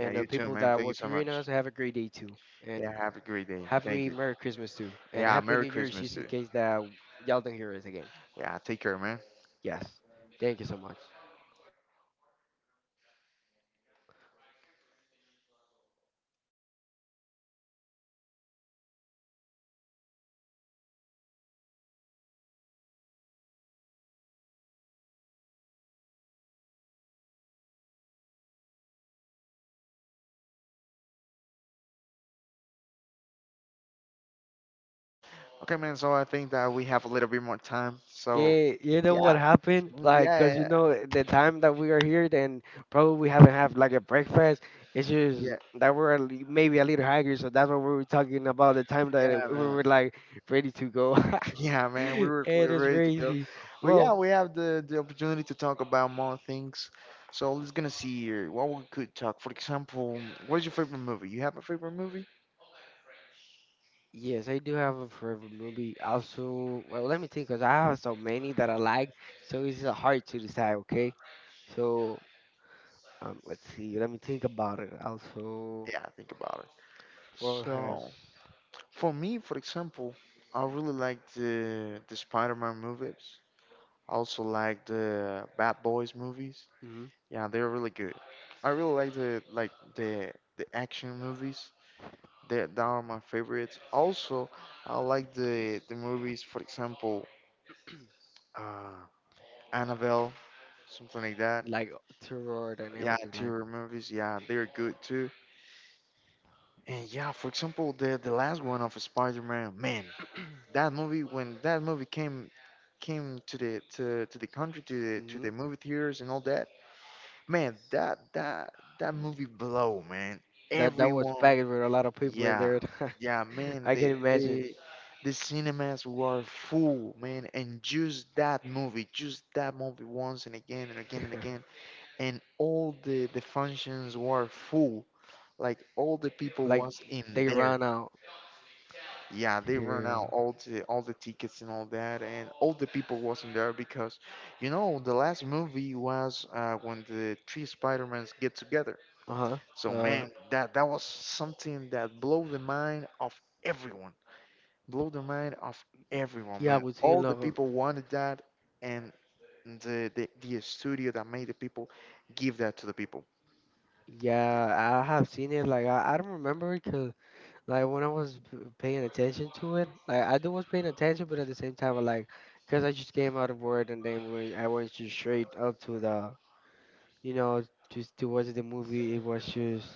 Speaker 2: yeah,
Speaker 1: the
Speaker 2: you too,
Speaker 1: people
Speaker 2: man.
Speaker 1: that
Speaker 2: Thank you
Speaker 1: was
Speaker 2: so much.
Speaker 1: hearing us, have a great day too.
Speaker 2: Yeah,
Speaker 1: And
Speaker 2: have a great day. Thank
Speaker 1: happy
Speaker 2: you.
Speaker 1: Merry Christmas too. And
Speaker 2: Yeah,
Speaker 1: Happy
Speaker 2: Merry
Speaker 1: New Year's
Speaker 2: Christmas
Speaker 1: just in
Speaker 2: too.
Speaker 1: case that y'all don't hear us again.
Speaker 2: Yeah, take care, man.
Speaker 1: Yes. Thank you so much.
Speaker 2: Okay, man. So I think that we have a little bit more time. So
Speaker 1: Yeah, you know what
Speaker 2: yeah,
Speaker 1: happened? Like,
Speaker 2: yeah,
Speaker 1: cause
Speaker 2: yeah,
Speaker 1: you know the time that we are here, then probably we haven't had like a breakfast. It's just
Speaker 2: yeah,
Speaker 1: that we're maybe a little hungry, so that's what we were talking about. The time that
Speaker 2: yeah,
Speaker 1: we
Speaker 2: man.
Speaker 1: were like ready to go.
Speaker 2: Yeah, man, we were
Speaker 1: It is
Speaker 2: ready to go.
Speaker 1: crazy.
Speaker 2: But yeah,
Speaker 1: Well,
Speaker 2: we have the opportunity to talk about more things. So let's gonna see here what we could talk. For example, what's your favorite movie? You have a favorite movie?
Speaker 1: yes, I do have a favorite movie. Also, well, let me think, because I have so many that I like, so it's hard to decide, okay? So, let's see, let me think about it. Also,
Speaker 2: Yeah, think about it.
Speaker 1: what has,
Speaker 2: So for me, for example, I really like the Spider-Man movies. I also like the Bad Boys movies.
Speaker 1: hmm
Speaker 2: Yeah, they're really good. I really like the action movies. That are my favorites. Also, I like the movies, for example, uh, Annabelle, something like that.
Speaker 1: like, terror and
Speaker 2: Yeah,
Speaker 1: everything, like,
Speaker 2: terror movies. Yeah, they're good too. And yeah, for example, the last one of Spider-Man. Man, that movie, when that movie came to the country, to the to
Speaker 1: hmm
Speaker 2: the movie theaters and all that. Man, that movie blow, man.
Speaker 1: that, that was
Speaker 2: Everyone.
Speaker 1: packed with a lot of people in
Speaker 2: Yeah,
Speaker 1: there.
Speaker 2: yeah, man.
Speaker 1: I can
Speaker 2: The
Speaker 1: imagine.
Speaker 2: the the cinemas were full, man, and just that movie, once and again and again and again, and all the functions were full. Like all the people
Speaker 1: Like,
Speaker 2: was in
Speaker 1: they
Speaker 2: there.
Speaker 1: run out.
Speaker 2: Yeah, they ran
Speaker 1: Yeah.
Speaker 2: out all the tickets and all that, and all the people was in there because, the last movie was when the three Spider-Mans get together.
Speaker 1: Uh-huh.
Speaker 2: So
Speaker 1: Uh,
Speaker 2: man, that was something that blew the mind of everyone. Blew the mind of everyone,
Speaker 1: yeah, I
Speaker 2: man.
Speaker 1: would say,
Speaker 2: All the
Speaker 1: like,
Speaker 2: people wanted that, and the studio that made the people give that to the people. Yeah.
Speaker 1: yeah, I have seen it. Like, I don't remember it, 'cause like when I was paying attention to it, like I do was paying attention, but at the same time, I like because I just came out of work and then when I went just straight up to the, you know, just to watch the movie, it was just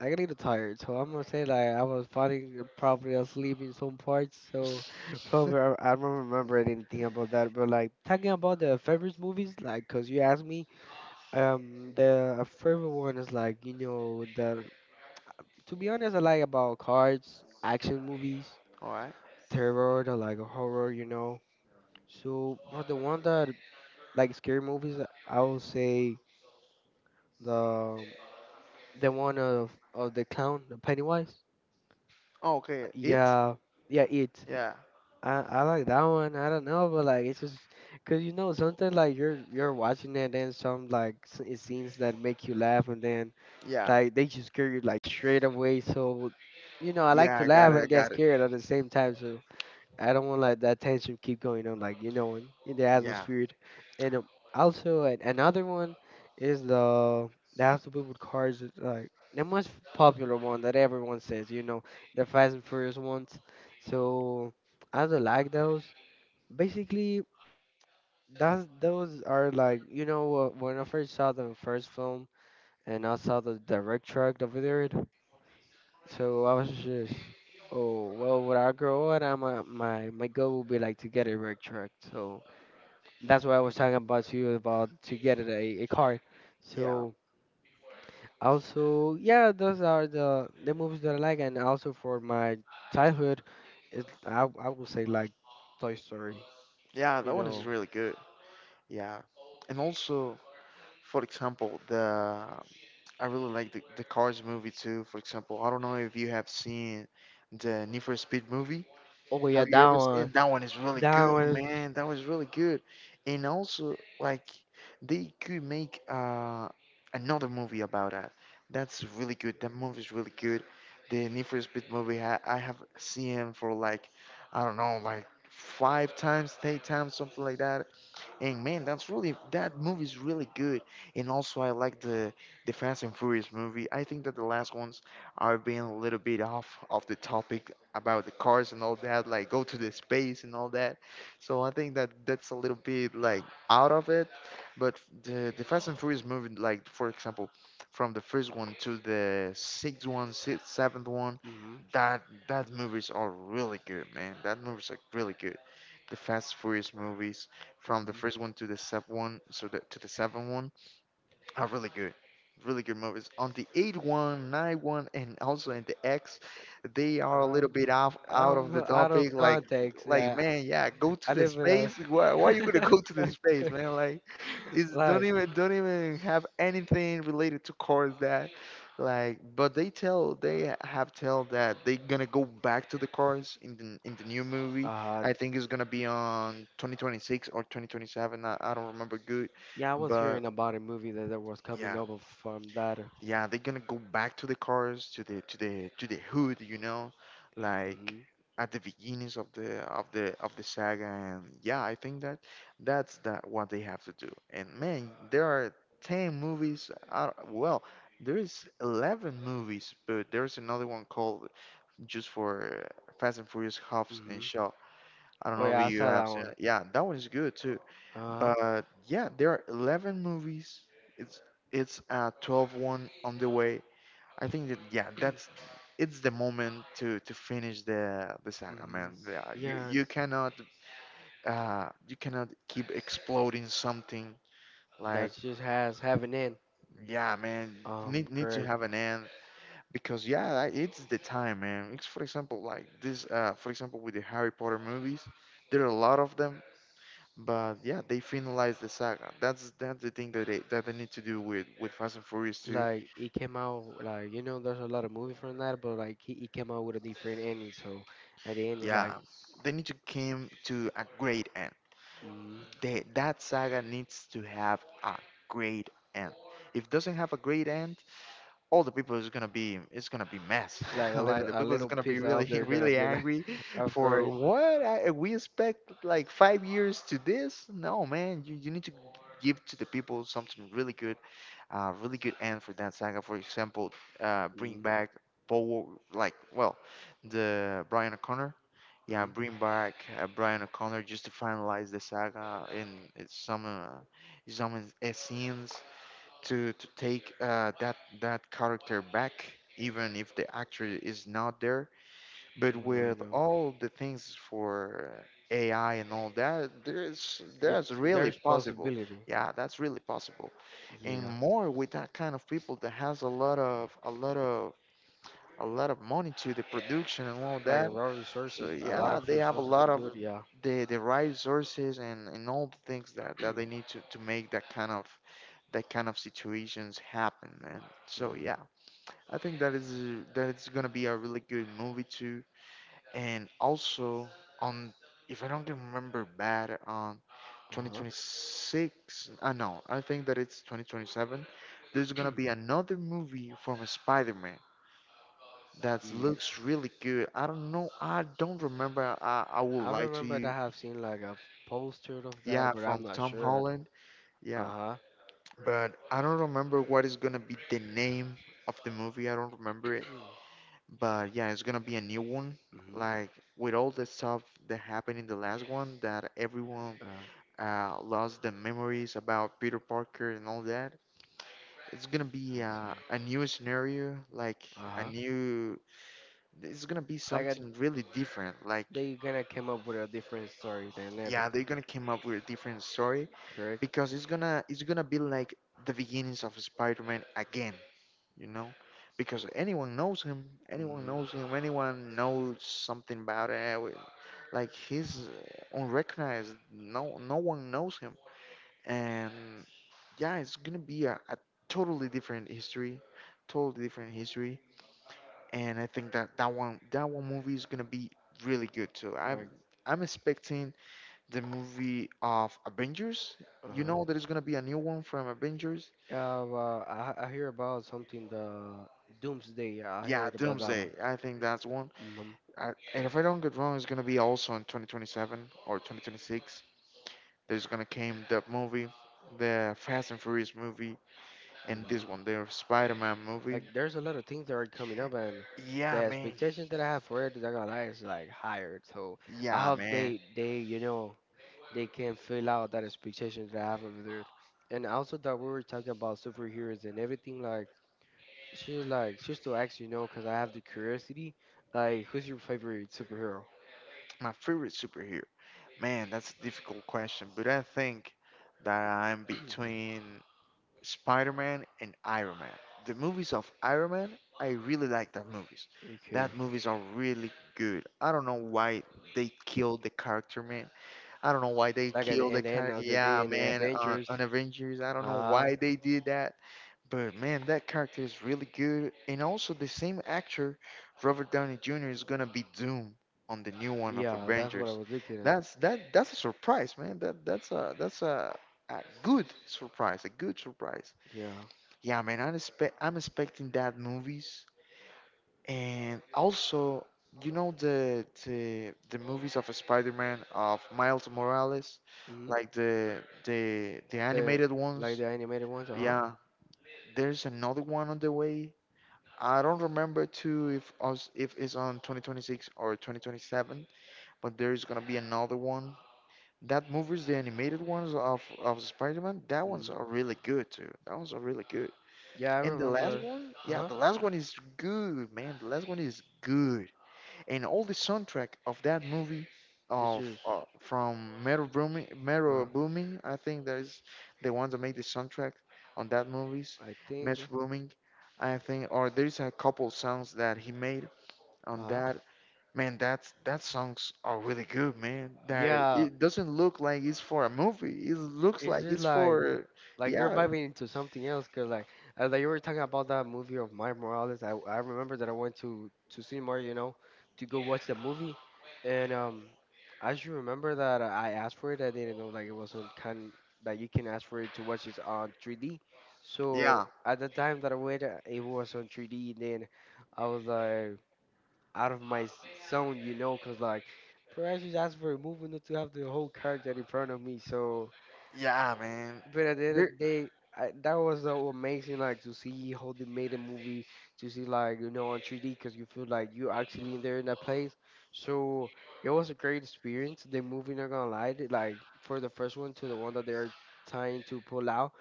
Speaker 1: like a little tired. So I'm gonna say like I was falling probably asleep in some parts. So probably I don't remember anything about that. But like talking about the favorite movies, like because you asked me, the a favorite one is like you know the to be honest, I like about cards, action movies.
Speaker 2: All right.
Speaker 1: Terror, I like horror, you know. So for the one that like scary movies, I would say the the one of the clown, the Pennywise.
Speaker 2: Oh, okay. It.
Speaker 1: Yeah, yeah, it.
Speaker 2: Yeah.
Speaker 1: I like that one. I don't know, but like it's just because you know sometimes like you're watching it, and some like it scenes that make you laugh, and then
Speaker 2: Yeah.
Speaker 1: like they just scare you like straight away. So you know I like
Speaker 2: Yeah. I
Speaker 1: to
Speaker 2: got
Speaker 1: laugh
Speaker 2: it. I
Speaker 1: and get
Speaker 2: got it.
Speaker 1: scared at the same time. So. I don't want like that tension keep going on, like you know, in the
Speaker 2: Yeah.
Speaker 1: atmosphere. And also another one is the that has to do with cars, it's like the most popular one that everyone says, you know, the Fast and Furious ones. So I do not like those. Basically, that's those are like you know when I first saw the first film and I saw the direct track over there. So I was just, oh well, when I grow up, my goal will be like to get a work truck. So that's what I was talking about to you about to get it a car.
Speaker 2: Yeah.
Speaker 1: So also, yeah, those are the movies that I like, and also for my childhood, it I would say like Toy Story.
Speaker 2: Yeah.
Speaker 1: You
Speaker 2: That one is
Speaker 1: know,
Speaker 2: really good. Yeah. And also, for example, the I really like the Cars movie too. For example, I don't know if you have seen the Need for Speed movie.
Speaker 1: oh yeah,
Speaker 2: Have you ever seen that one? Is really
Speaker 1: that
Speaker 2: good,
Speaker 1: one is.
Speaker 2: man. That was really good, and also like they could make another movie about that. That's really good. That movie is really good. The Need for Speed movie, I have seen for like, I don't know, like five times, eight times, something like that. And man, that movie's really good. And also, I like the Fast and Furious movie. I think that the last ones are being a little bit off of the topic about the cars and all that, like go to the space and all that. So I think that that's a little bit like out of it. But the Fast and Furious movie, like, for example, from the first one to the sixth one, sixth, seventh one,
Speaker 1: Mm-hmm,
Speaker 2: that that movies are really good, man. That movies are really good, the Fast Furious movies from the
Speaker 1: mm-hmm.
Speaker 2: first one to the seventh one, so to the seventh one are really good, really good movies. On the eight one, nine one, and also in the X, they are a
Speaker 1: Um,
Speaker 2: little bit off out of the
Speaker 1: out of
Speaker 2: topic. Like,
Speaker 1: context,
Speaker 2: like
Speaker 1: yeah.
Speaker 2: man, yeah, go
Speaker 1: I
Speaker 2: to the
Speaker 1: live in a
Speaker 2: space. Why you gonna go to the space, man? Like, it's don't
Speaker 1: Like,
Speaker 2: even don't even have anything related to cars that, like. But they have tell that they gonna go back to the cars in the new movie.
Speaker 1: uh,
Speaker 2: I think it's gonna be on 2026 or 2027. I don't remember good,
Speaker 1: yeah, I was
Speaker 2: but.
Speaker 1: hearing about a movie that, that was coming
Speaker 2: Yeah,
Speaker 1: up from that.
Speaker 2: yeah, they're gonna go back to the cars to the hood, you know, like
Speaker 1: Mm-hmm.
Speaker 2: at the beginnings of the saga, and yeah, I think that that's that what they have to do. And man, there are 10 movies out. Well, there is 11 movies, but there's another one called just for fast and furious hobbs
Speaker 1: Mm-hmm.
Speaker 2: and shaw, I don't
Speaker 1: Oh
Speaker 2: know if,
Speaker 1: yeah,
Speaker 2: yeah,
Speaker 1: I
Speaker 2: you
Speaker 1: saw that
Speaker 2: have seen
Speaker 1: one.
Speaker 2: it. Yeah, that one is good too.
Speaker 1: Uh,
Speaker 2: But yeah, there are 11 movies. It's it's a 12 one on the way. I think that yeah, that's it's the moment to finish the saga,
Speaker 1: mm-hmm.
Speaker 2: man. Yeah, you
Speaker 1: Yeah,
Speaker 2: you cannot you cannot keep exploding something
Speaker 1: that
Speaker 2: like
Speaker 1: just has having in.
Speaker 2: yeah, man. Need to
Speaker 1: Correct.
Speaker 2: have an end because yeah, like, it's the time, man. It's for example like this for example with the Harry Potter movies. There are a lot of them. But yeah, they finalized the saga. That's the thing that they need to do with Fast and Furious 2.
Speaker 1: Like it came out like you know there's a lot of movie from that, but like he came out with a different ending. So at the end it's like,
Speaker 2: Yeah, they need to came to a great end.
Speaker 1: mm,
Speaker 2: They, that saga needs to have a great end. If it doesn't have a great end, all the people is gonna be it's gonna be mess
Speaker 1: like
Speaker 2: like the
Speaker 1: a
Speaker 2: people is
Speaker 1: little
Speaker 2: gonna be
Speaker 1: pissed off.
Speaker 2: really
Speaker 1: They're gonna
Speaker 2: really
Speaker 1: be like,
Speaker 2: angry
Speaker 1: of
Speaker 2: for
Speaker 1: course.
Speaker 2: what we expect like 5 years to this. No man, you need to give to the people something really good, really good end for that saga. For example, bring
Speaker 1: Mm-hmm.
Speaker 2: back Paul, like well the Brian O'Connor. Yeah, bring back Brian O'Connor just to finalize the saga in, in some uh, some scenes to take that character back, even if the actor is not there. But
Speaker 1: I
Speaker 2: with
Speaker 1: know.
Speaker 2: all the things for AI and all that, there's that's
Speaker 1: It's
Speaker 2: really
Speaker 1: there's
Speaker 2: possible.
Speaker 1: possibility.
Speaker 2: Yeah, that's really possible, and
Speaker 1: Yeah.
Speaker 2: more with that kind of people that has a lot of money to the production and all
Speaker 1: Like a
Speaker 2: that.
Speaker 1: raw
Speaker 2: So
Speaker 1: resources, a lot
Speaker 2: yeah,
Speaker 1: of
Speaker 2: they have a
Speaker 1: resources to
Speaker 2: lot
Speaker 1: do
Speaker 2: of
Speaker 1: it. Yeah.
Speaker 2: the right resources and all the things that, that they need to make that kind of situations happen, man. So
Speaker 1: hmm
Speaker 2: yeah, I think that is that it's gonna be a really good movie too. And also on, if I don't remember bad,
Speaker 1: Uh huh.
Speaker 2: 2026. I know. I think that it's 2027. There's gonna be another movie from a Spider-Man that looks really good. I don't know. I don't remember. I will
Speaker 1: I
Speaker 2: lie to
Speaker 1: remember that
Speaker 2: you.
Speaker 1: I have seen like a poster of
Speaker 2: Yeah,
Speaker 1: that, but
Speaker 2: from
Speaker 1: I'm not
Speaker 2: Tom
Speaker 1: sure.
Speaker 2: Holland.
Speaker 1: Uh
Speaker 2: Yeah,
Speaker 1: huh.
Speaker 2: but I don't remember what is gonna be the name of the movie. I don't remember it, but yeah, it's gonna be a new one.
Speaker 1: Mm-hmm.
Speaker 2: Like with all the stuff that happened in the last one, that everyone
Speaker 1: Uh
Speaker 2: lost the memories about Peter Parker and all that. It's gonna be
Speaker 1: so.
Speaker 2: a new scenario, like
Speaker 1: Uh
Speaker 2: a
Speaker 1: huh.
Speaker 2: new. It's gonna be
Speaker 1: Like a,
Speaker 2: something really different. Like
Speaker 1: they gonna came up with a different story than
Speaker 2: yeah, they're
Speaker 1: everything.
Speaker 2: gonna come up with a different story
Speaker 1: Correct.
Speaker 2: because it's gonna be like the beginnings of Spider-Man again, you know, because anyone knows him, anyone
Speaker 1: Mm-hmm.
Speaker 2: knows him, anyone knows something about it. Like he's unrecognized. No, no one knows him, and yeah, it's gonna be a totally different history, totally different history. And I think that that one movie is gonna be really good too.
Speaker 1: Like.
Speaker 2: I'm expecting the movie of Avengers.
Speaker 1: Uh
Speaker 2: You
Speaker 1: huh.
Speaker 2: know, there is gonna be a new one from Avengers.
Speaker 1: Yeah. Well, I hear about something the Doomsday. I
Speaker 2: Yeah,
Speaker 1: heard about that one.
Speaker 2: Doomsday. I think that's one.
Speaker 1: Mm-hmm.
Speaker 2: And if I don't get wrong, it's gonna be also in 2027 or 2026. There's gonna came the movie, the Fast and Furious movie, and this one, the Spider-Man movie.
Speaker 1: Like there's a lot of things that are coming up and the
Speaker 2: Yeah, man.
Speaker 1: expectation that I have for it, I gotta lie, is like higher. So I
Speaker 2: Yeah,
Speaker 1: hope
Speaker 2: man.
Speaker 1: they they can fill out that expectation that I have over there. And also that we were talking about superheroes and everything like she's to ask you know because I have the curiosity like who's your favorite superhero?
Speaker 2: My favorite superhero. Man, that's a difficult question, but I think that I'm between Spider-Man and Iron Man. The movies of Iron Man, I really like that movies.
Speaker 1: Okay,
Speaker 2: That movies are really good. I don't know why they killed the character, man. I don't know why they
Speaker 1: like at
Speaker 2: killed
Speaker 1: the,
Speaker 2: the
Speaker 1: in the
Speaker 2: car.
Speaker 1: end of the day
Speaker 2: Yeah,
Speaker 1: in the
Speaker 2: man,
Speaker 1: Avengers,
Speaker 2: on Avengers, I don't know
Speaker 1: uh
Speaker 2: why they did that. But man, that character is really good. And also, the same actor, Robert Downey Jr., is gonna be Doom on the new one of
Speaker 1: yeah, that's what I
Speaker 2: Avengers.
Speaker 1: was looking at.
Speaker 2: That's that. That's a surprise, man. That that's a a good surprise. A good surprise.
Speaker 1: Yeah,
Speaker 2: Yeah, man. I'm expecting that movies. And also, you know the movies of Spider-Man of Miles Morales,
Speaker 1: hmm
Speaker 2: like the
Speaker 1: the
Speaker 2: animated
Speaker 1: like
Speaker 2: ones.
Speaker 1: the animated ones, uh
Speaker 2: Yeah, there's another one on the way. I don't remember too if it's on 2026 or 2027, but there's gonna be another one. That movies, the animated ones of Spider-Man, that ones
Speaker 1: huh.
Speaker 2: are really good too. That ones are really good.
Speaker 1: Yeah, I
Speaker 2: And the last
Speaker 1: remember.
Speaker 2: one, yeah,
Speaker 1: Huh?
Speaker 2: the last one is good, man. The last one is good and all the soundtrack of that movie
Speaker 1: It's
Speaker 2: of
Speaker 1: just,
Speaker 2: from Meryl Blooming, Meryl
Speaker 1: uh,
Speaker 2: Blooming, I think that is the ones that made the soundtrack on that movies.
Speaker 1: I think,
Speaker 2: Meryl Blooming, I think, or there's a couple songs that he made on
Speaker 1: huh?
Speaker 2: that. Man, that's that songs are really good, man. That
Speaker 1: Yeah,
Speaker 2: it doesn't look like it's for a movie. It looks
Speaker 1: it's
Speaker 2: like
Speaker 1: just
Speaker 2: it's for,
Speaker 1: like you're
Speaker 2: yeah,
Speaker 1: vibing into something else, cause like you were talking about that movie of Mike Morales. I remember that I went to cinema, you know, to go watch the movie, and I should remember that I asked for it. I didn't know like it wasn't kind that you can ask for it to watch it on 3D. So
Speaker 2: yeah,
Speaker 1: at the time that I went, it was on 3D. And then I was like. Out of my zone, you know, because like, Pirates is asked for a movement not to have the whole character in front of me. So
Speaker 2: yeah, man.
Speaker 1: but at the end of
Speaker 2: There,
Speaker 1: the day, I, that was so amazing, like to see how they made a movie, to see like you know on 3D, because you feel like you actually in there in that place. So it was a great experience. The movie, not gonna lie, like for the first one to the one that they are trying to pull out,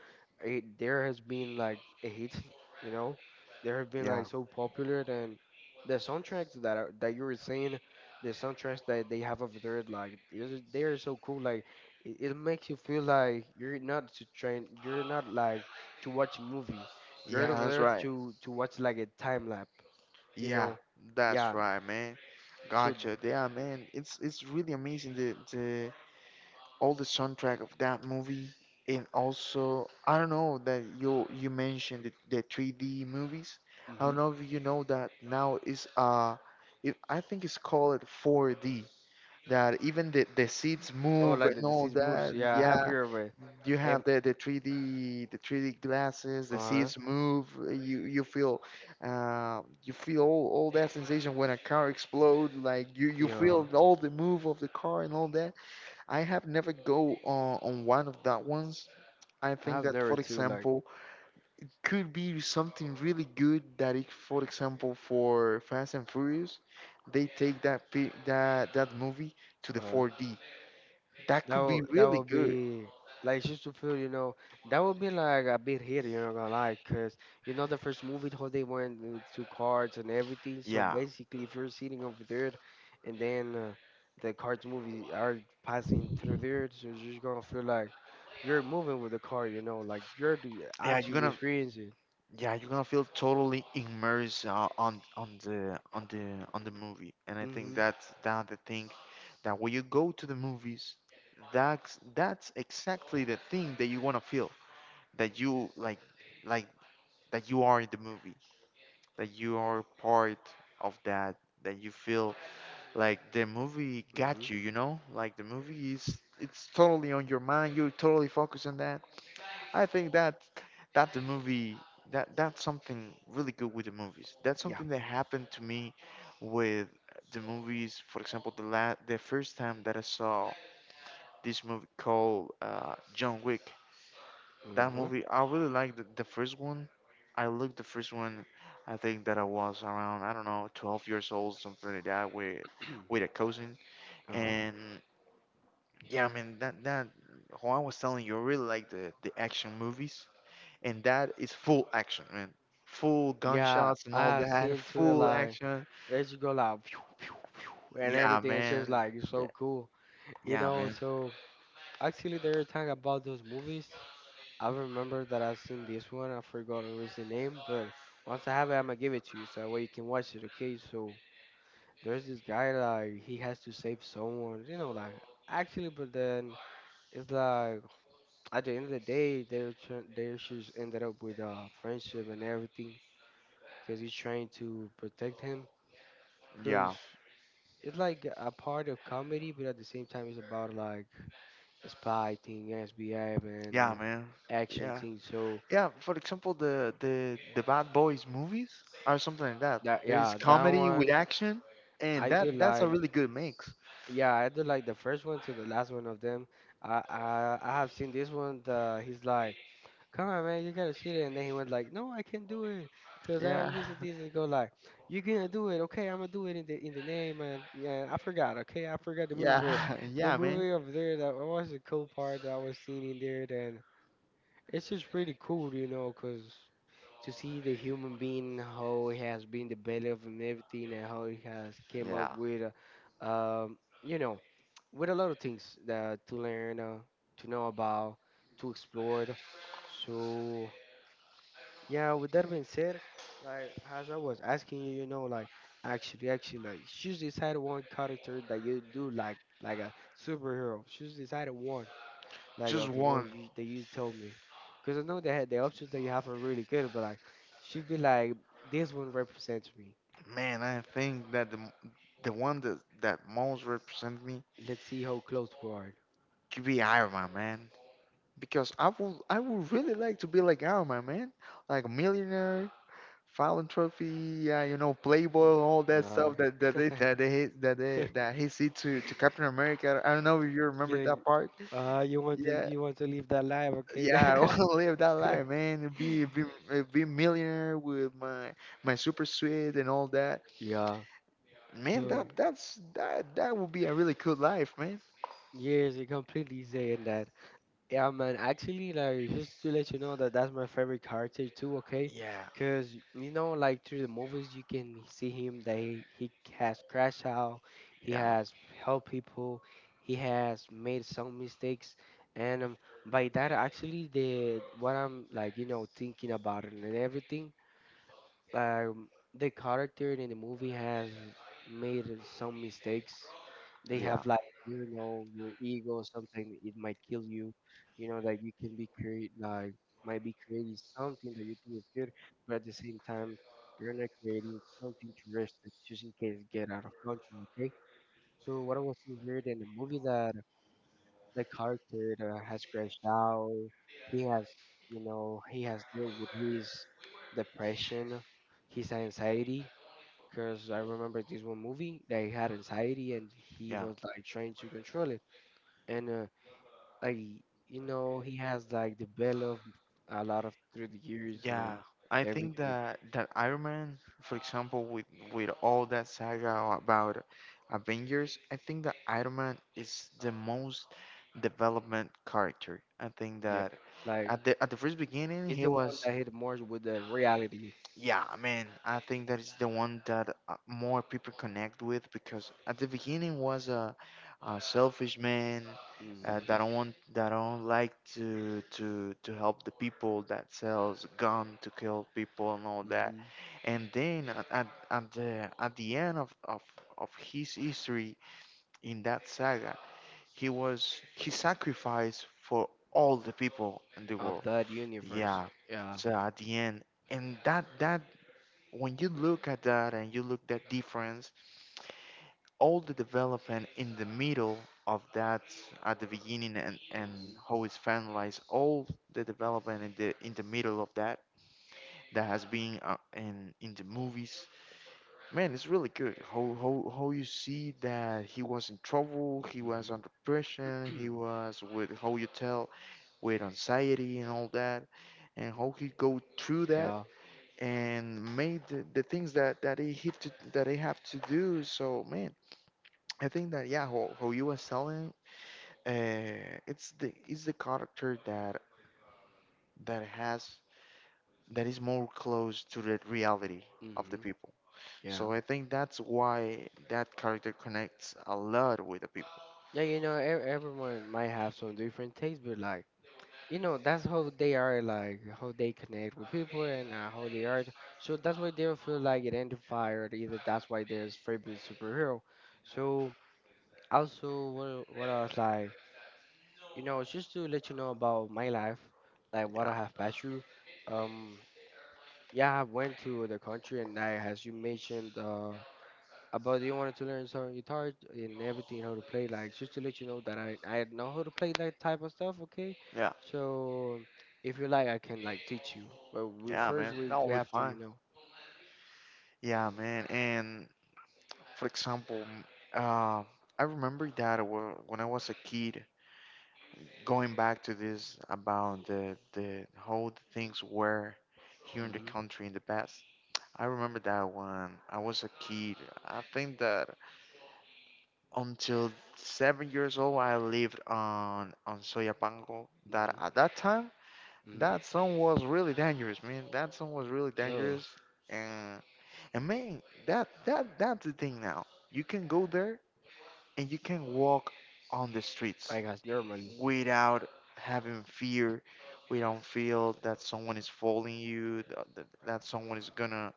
Speaker 1: it, there has been like a hit, you know. There have been
Speaker 2: yeah,
Speaker 1: like so popular then the soundtracks that are, that you were saying, the soundtracks that they have over there, like they are so cool. Like it makes you feel like you're not to train, you're not like to watch a movie. You're
Speaker 2: yeah,
Speaker 1: over
Speaker 2: that's
Speaker 1: there
Speaker 2: right.
Speaker 1: to watch like a time lap, you
Speaker 2: Yeah,
Speaker 1: know?
Speaker 2: that's
Speaker 1: Yeah.
Speaker 2: right, man.
Speaker 1: So,
Speaker 2: Gotcha. Yeah, man. It's really amazing the all the soundtrack of that movie. And also I don't know that you mentioned the, 3D movies. I
Speaker 1: mm-hmm.
Speaker 2: don't know if you know that now is it, I think it's called 4D that even the, seats
Speaker 1: Oh,
Speaker 2: move
Speaker 1: like the
Speaker 2: and all
Speaker 1: deceased moves.
Speaker 2: that.
Speaker 1: Yeah, I have
Speaker 2: Yeah,
Speaker 1: here of it.
Speaker 2: you have
Speaker 1: Um,
Speaker 2: the, 3D the 3D glasses. The
Speaker 1: uh,
Speaker 2: seats move. You you feel all that sensation when a car explodes. Like you
Speaker 1: yeah.
Speaker 2: feel all the move of the car and all that. I have never go on one of that ones. I
Speaker 1: I
Speaker 2: think
Speaker 1: have
Speaker 2: that
Speaker 1: never
Speaker 2: for
Speaker 1: too like.
Speaker 2: example could be something really good that if for example for Fast and Furious they take that that movie to the
Speaker 1: Uh,
Speaker 2: 4D, that
Speaker 1: That
Speaker 2: could be
Speaker 1: would that
Speaker 2: really
Speaker 1: would
Speaker 2: good.
Speaker 1: be like just to feel, you know, that would be like a bit hit, you know, gonna lie, cause you know the first movie how they went to cards and everything. So
Speaker 2: Yeah,
Speaker 1: basically, if you're sitting over there, and then the cards movies are passing through there, so you're just gonna feel like you're moving with the car, you know, like
Speaker 2: yeah, you're
Speaker 1: actually
Speaker 2: gonna,
Speaker 1: experiencing.
Speaker 2: yeah, you're gonna feel totally immersed on the on the on the movie. And I think
Speaker 1: Mm-hmm.
Speaker 2: that's that the thing that when you go to the movies, that's exactly the thing that you wanna feel, that you like that you are in the movie, that you are part of that, that you feel like the movie
Speaker 1: Mm-hmm.
Speaker 2: got you, you know, like the movie is it's totally on your mind, you're totally focused on that. I think that the movie that's something really good with the movies. That's
Speaker 1: Yeah.
Speaker 2: something that happened to me with the movies. For example, the first time that I saw this movie called John Wick. That
Speaker 1: Mm-hmm.
Speaker 2: movie, I really liked the, first one. I looked the first one. I think that I was around, I don't know, 12 years old, something like that, with a cousin.
Speaker 1: uh-huh.
Speaker 2: And yeah, I mean that, that Juan was telling you, I really like the action movies and that is full action, man. Full
Speaker 1: Yeah,
Speaker 2: gunshots and
Speaker 1: I
Speaker 2: all
Speaker 1: have
Speaker 2: that,
Speaker 1: seen to it
Speaker 2: full
Speaker 1: like.
Speaker 2: action.
Speaker 1: It just go like phew, phew, phew, and
Speaker 2: Yeah,
Speaker 1: everything. It's just
Speaker 2: man.
Speaker 1: like it's
Speaker 2: Yeah,
Speaker 1: so cool, you
Speaker 2: yeah,
Speaker 1: know.
Speaker 2: man.
Speaker 1: So actually, they were talking about those movies. I remember that I seen this one. I forgot it was the name, but once I have it, I'm gonna give it to you so that way you can watch it. Okay, so there's this guy like he has to save someone, you know, like actually, but then it's like at the end of the day, their issues ended up with friendship and everything because he's trying to protect him.
Speaker 2: Yeah,
Speaker 1: It's like a part of comedy, but at the same time, it's about like spy thing, SBF, and
Speaker 2: yeah, man.
Speaker 1: action
Speaker 2: Yeah,
Speaker 1: thing. So
Speaker 2: yeah. For example, the Bad Boys movies are something like that.
Speaker 1: that
Speaker 2: There is
Speaker 1: yeah, that
Speaker 2: comedy with
Speaker 1: one
Speaker 2: action, and
Speaker 1: I do
Speaker 2: that's a
Speaker 1: like.
Speaker 2: really good mix.
Speaker 1: Yeah, I do like the first one to the last one of them. I have seen this one. The he's like, come on, man, you gotta shoot it, and then he went like, no, I can't do it, cause
Speaker 2: Yeah,
Speaker 1: I'm just this. And go like, you're gonna do it, okay? I'm gonna do it in the name, and yeah, I forgot, okay, I forgot the movie, but
Speaker 2: yeah,
Speaker 1: the
Speaker 2: yeah, man.
Speaker 1: movie over there that was a cool part that I was seeing in there. Then it's just pretty cool, you know, 'cause to see the human being how he has been developed and everything, and how he has came up
Speaker 2: Yeah,
Speaker 1: with, you know, with a lot of things that to learn, to know about, to explore. So yeah, with that being said, like as I was asking you, you know, like like choose decide one character that you do like a superhero. Choose decide one like
Speaker 2: just
Speaker 1: of the
Speaker 2: one.
Speaker 1: ones you that you told me, because I know they had the options that you have are really good, but like she'd be like, this one represents me.
Speaker 2: Man, I think that the one that that most represents me
Speaker 1: Let's see how close we are.
Speaker 2: could be Iron Man, man. Because I would really like to be like Alma, man, like a millionaire, philanthropy, you know, Playboy, all that
Speaker 1: Uh,
Speaker 2: stuff that that they that he see to Captain America. I don't know if you remember
Speaker 1: yeah.
Speaker 2: that part.
Speaker 1: You want to
Speaker 2: Yeah,
Speaker 1: live that life, okay,
Speaker 2: yeah, I want
Speaker 1: guy?
Speaker 2: to live that life, man. Be millionaire with my super suite and all that,
Speaker 1: yeah.
Speaker 2: man.
Speaker 1: So
Speaker 2: That that's that that would be a really cool life, man.
Speaker 1: yes, you're completely saying that. Yeah, man. Actually, like just to let you know that that's my favorite character too. Okay,
Speaker 2: Yeah,
Speaker 1: because you know, like through the movies, you can see him that he, has crashed out, he
Speaker 2: yeah,
Speaker 1: has helped people, he has made some mistakes, and by that actually the what I'm like you know thinking about it and everything um, the character in the movie has made some mistakes. They
Speaker 2: yeah,
Speaker 1: have like you know your ego something it might kill you. You know that you can be create like might be creating something that you think is good, but at the same time you're not creating something to rest it, just in case get out of control. Okay. So what I was seeing here in the movie that the character that has crashed out. He has, you know, he has dealt with his depression, his anxiety. Because I remember this one movie that he had anxiety and he
Speaker 2: yeah.
Speaker 1: was like trying to control it. And like you know, he has like developed a lot of through the years and then
Speaker 2: Yeah, I think
Speaker 1: everything.
Speaker 2: that Iron Man, for example, with all that saga about Avengers, I think that Iron Man is the most development character. I think
Speaker 1: Yeah,
Speaker 2: that
Speaker 1: like
Speaker 2: at the first beginning
Speaker 1: it's
Speaker 2: he
Speaker 1: the one
Speaker 2: was
Speaker 1: that hit more with the reality.
Speaker 2: yeah, man, I think that is the one that more people connect with. Because at the beginning was a selfish man
Speaker 1: Hmm
Speaker 2: that don't want, that don't like to help the people, that sells gun to kill people and all that,
Speaker 1: hmm
Speaker 2: and then at the end of, of his history in that saga, he was he sacrificed for all the people in the
Speaker 1: of
Speaker 2: world.
Speaker 1: that universe.
Speaker 2: Yeah,
Speaker 1: Yeah.
Speaker 2: so at the end, and that, that when you look at that and you look that difference, all the development in the middle of that at the beginning, and
Speaker 1: Hmm
Speaker 2: how it's finalized, all the development in the middle of that has been in the movies, man, it's really good. How you see that he was in trouble, he was under pressure, he
Speaker 1: hmm
Speaker 2: was with, how you tell, with anxiety and all that, and how he go through that
Speaker 1: yeah.
Speaker 2: and made the, things that that they have to that they have to do. So man, I think that yeah, how you was telling, it's the character that has that is more close to the reality of the
Speaker 1: Hmm
Speaker 2: people.
Speaker 1: yeah.
Speaker 2: So I think that's why that character connects a lot with the people.
Speaker 1: Yeah, you know, everyone might have some different tastes, but like, you know, that's how they are, like, how they connect with people and how they are. So that's why they'll feel like identified, or either that's why there's favorite superhero. So also, what I was like, you know, it's just to let you know about my life, like
Speaker 2: Yeah,
Speaker 1: what I have passed through. Um, yeah, I went to the country, and I, as you mentioned. About you wanted to learn some guitar and everything how to play like just to let you know that I know how to play that type of stuff okay
Speaker 2: yeah,
Speaker 1: so if you like I can like teach you but we
Speaker 2: yeah,
Speaker 1: first
Speaker 2: man,
Speaker 1: we
Speaker 2: that will
Speaker 1: we
Speaker 2: be
Speaker 1: have to
Speaker 2: fine.
Speaker 1: you know
Speaker 2: Yeah, man, and for example, uh, I remember that when I was a kid, going back to this about the how the things were here in the
Speaker 1: hmm
Speaker 2: country in the past. I remember that when I was a kid, I think that until seven years old, I lived on Soyapango. That
Speaker 1: hmm
Speaker 2: at that time,
Speaker 1: hmm
Speaker 2: that song was really dangerous, man. That song was really
Speaker 1: oh
Speaker 2: dangerous, and man, that's the thing now. You can go there and you can walk on the streets
Speaker 1: I guess normally
Speaker 2: without having fear. We don't feel that someone is following you, that someone is gonna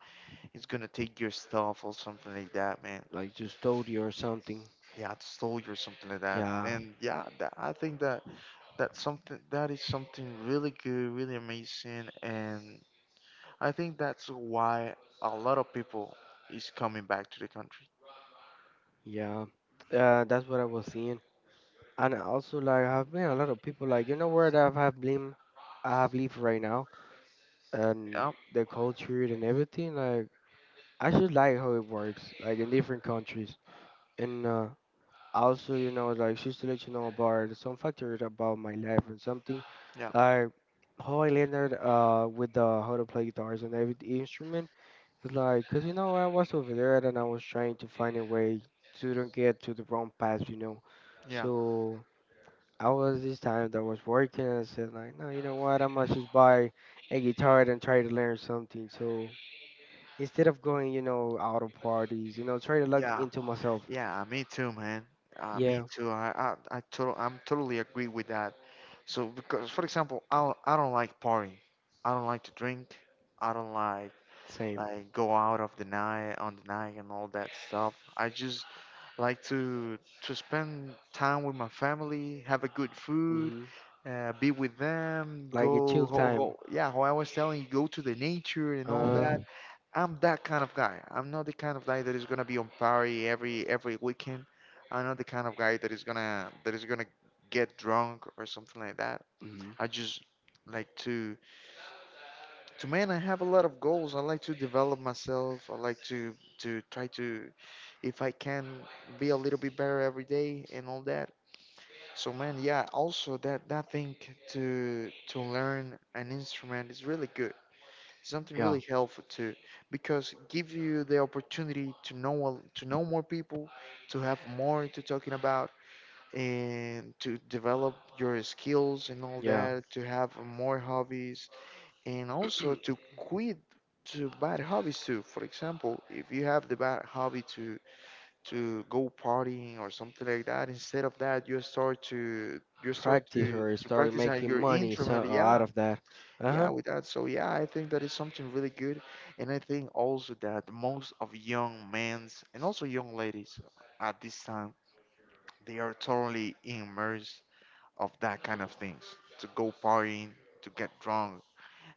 Speaker 2: is gonna take your stuff or something like that, man.
Speaker 1: like just study or something
Speaker 2: Yeah, it stole you or something like that.
Speaker 1: yeah
Speaker 2: And yeah, I think that's something that is something really good, really amazing, and I think that's why a lot of people is coming back to the country.
Speaker 1: yeah that's what I was seeing and also like I've met a lot of people like you know where that I have been I have lived right now and
Speaker 2: Yeah,
Speaker 1: the culture and everything like. I just like how it works, like in different countries. And also, you know, like just to let you know about some factors about my life and something,
Speaker 2: yeah,
Speaker 1: like how I landed with the how to play guitars and every instrument. It's like, cause you know I was over there and I was trying to find a way to don't get to the wrong path, you know.
Speaker 2: yeah,
Speaker 1: So I was this time that was working and I said like, no, you know what, I must just buy a guitar and try to learn something. So. Instead of going, you know, out of parties, you know, try to look
Speaker 2: yeah.
Speaker 1: into myself.
Speaker 2: Yeah, me too, man. Me
Speaker 1: Yeah,
Speaker 2: too. I total, I'm totally agree with that. So because, for example, I don't like party. I don't like to drink. I don't like
Speaker 1: same.
Speaker 2: go out of the night on the night and all that stuff. I just like to spend time with my family, have a good food,
Speaker 1: Hmm
Speaker 2: be with them,
Speaker 1: like a chill
Speaker 2: go.
Speaker 1: time.
Speaker 2: Yeah, how I was telling you, go to the nature and all
Speaker 1: Uh,
Speaker 2: that. I'm that kind of guy. I'm not the kind of guy that is gonna be on party every weekend. I'm not the kind of guy that is gonna get drunk or something like that.
Speaker 1: hmm
Speaker 2: I just like to man, I have a lot of goals. I like to develop myself. I like to try to, if I can, be a little bit better every day and all that. So man, yeah. Also that thing to learn an instrument is really good, something
Speaker 1: yeah,
Speaker 2: really helpful too, because give you the opportunity to know to know more people, to have more to talking about, and to develop your skills and all
Speaker 1: yeah.
Speaker 2: that, to have more hobbies and also to quit to bad hobbies too. For example, if you have the bad hobby to go partying or something like that, instead of that you start to you start to
Speaker 1: Practice or
Speaker 2: to
Speaker 1: start
Speaker 2: practice at
Speaker 1: making
Speaker 2: your
Speaker 1: money so,
Speaker 2: instrument. Yeah,
Speaker 1: out of that. Uh
Speaker 2: yeah,
Speaker 1: huh.
Speaker 2: with that. So yeah, I think that is something really good, and I think also that most of young men's and also young ladies at this time, they are totally immersed of that kind of things, to go partying, to get drunk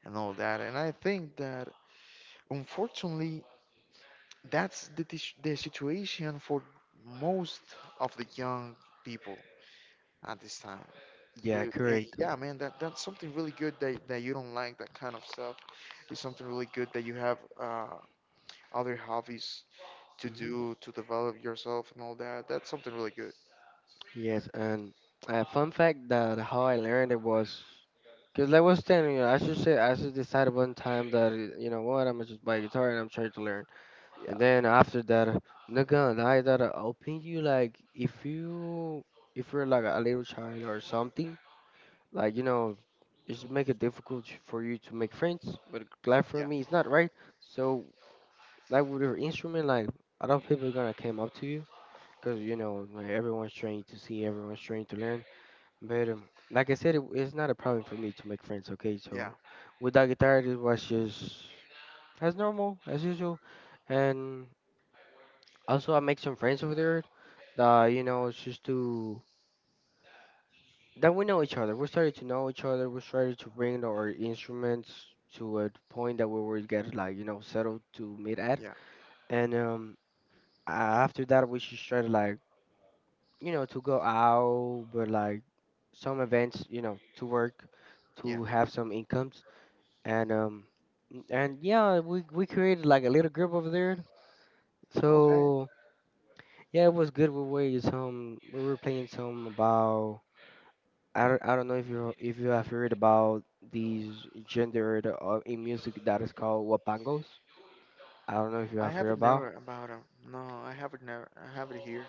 Speaker 2: and all that. And I think that unfortunately that's the situation for most of the young people at this time. Yeah.
Speaker 1: Yeah,
Speaker 2: But
Speaker 1: correct.
Speaker 2: yeah, man, that's something really good that you don't like that kind of stuff. It's something really good that you have other hobbies to
Speaker 1: Hmm
Speaker 2: do, to develop yourself and all that. That's something really good.
Speaker 1: yes, and a fun fact that how I learned it was because like I was telling you, I should say I should decide one time that you know what I'm gonna just buy a guitar and I'm trying to learn. And
Speaker 2: Yeah,
Speaker 1: then after that, not gonna lie that I think you like if you if you're like a little child or something, like you know, it's make it difficult for you to make friends. But glad for
Speaker 2: yeah,
Speaker 1: me, it's not right. So like with your instrument, like a lot of people gonna came up to you because you know like, everyone's trying to see, everyone's trying to learn. But like I said, it's not a problem for me to make friends. Okay,
Speaker 2: yeah,
Speaker 1: so with that guitar, it was just as normal as usual. And also, I make some friends over there that, you know, it's just to, that we know each other. We started to know each other. We started to bring our instruments to a point that we would get, like, you know, settled to meet at.
Speaker 2: yeah,
Speaker 1: And a- after that, we just started, like, you know, to go out, but like some events, you know, to work,
Speaker 2: yeah.
Speaker 1: to have some incomes. And, um, and yeah, we created like a little group over there.
Speaker 2: Okay,
Speaker 1: So, yeah, it was good. We were playing some about. I don't know if you have heard about these gendered in music that is called wapangos. I don't know if you
Speaker 2: I
Speaker 1: have
Speaker 2: have
Speaker 1: heard
Speaker 2: it
Speaker 1: about.
Speaker 2: never about him. No, I have it never. I have it here.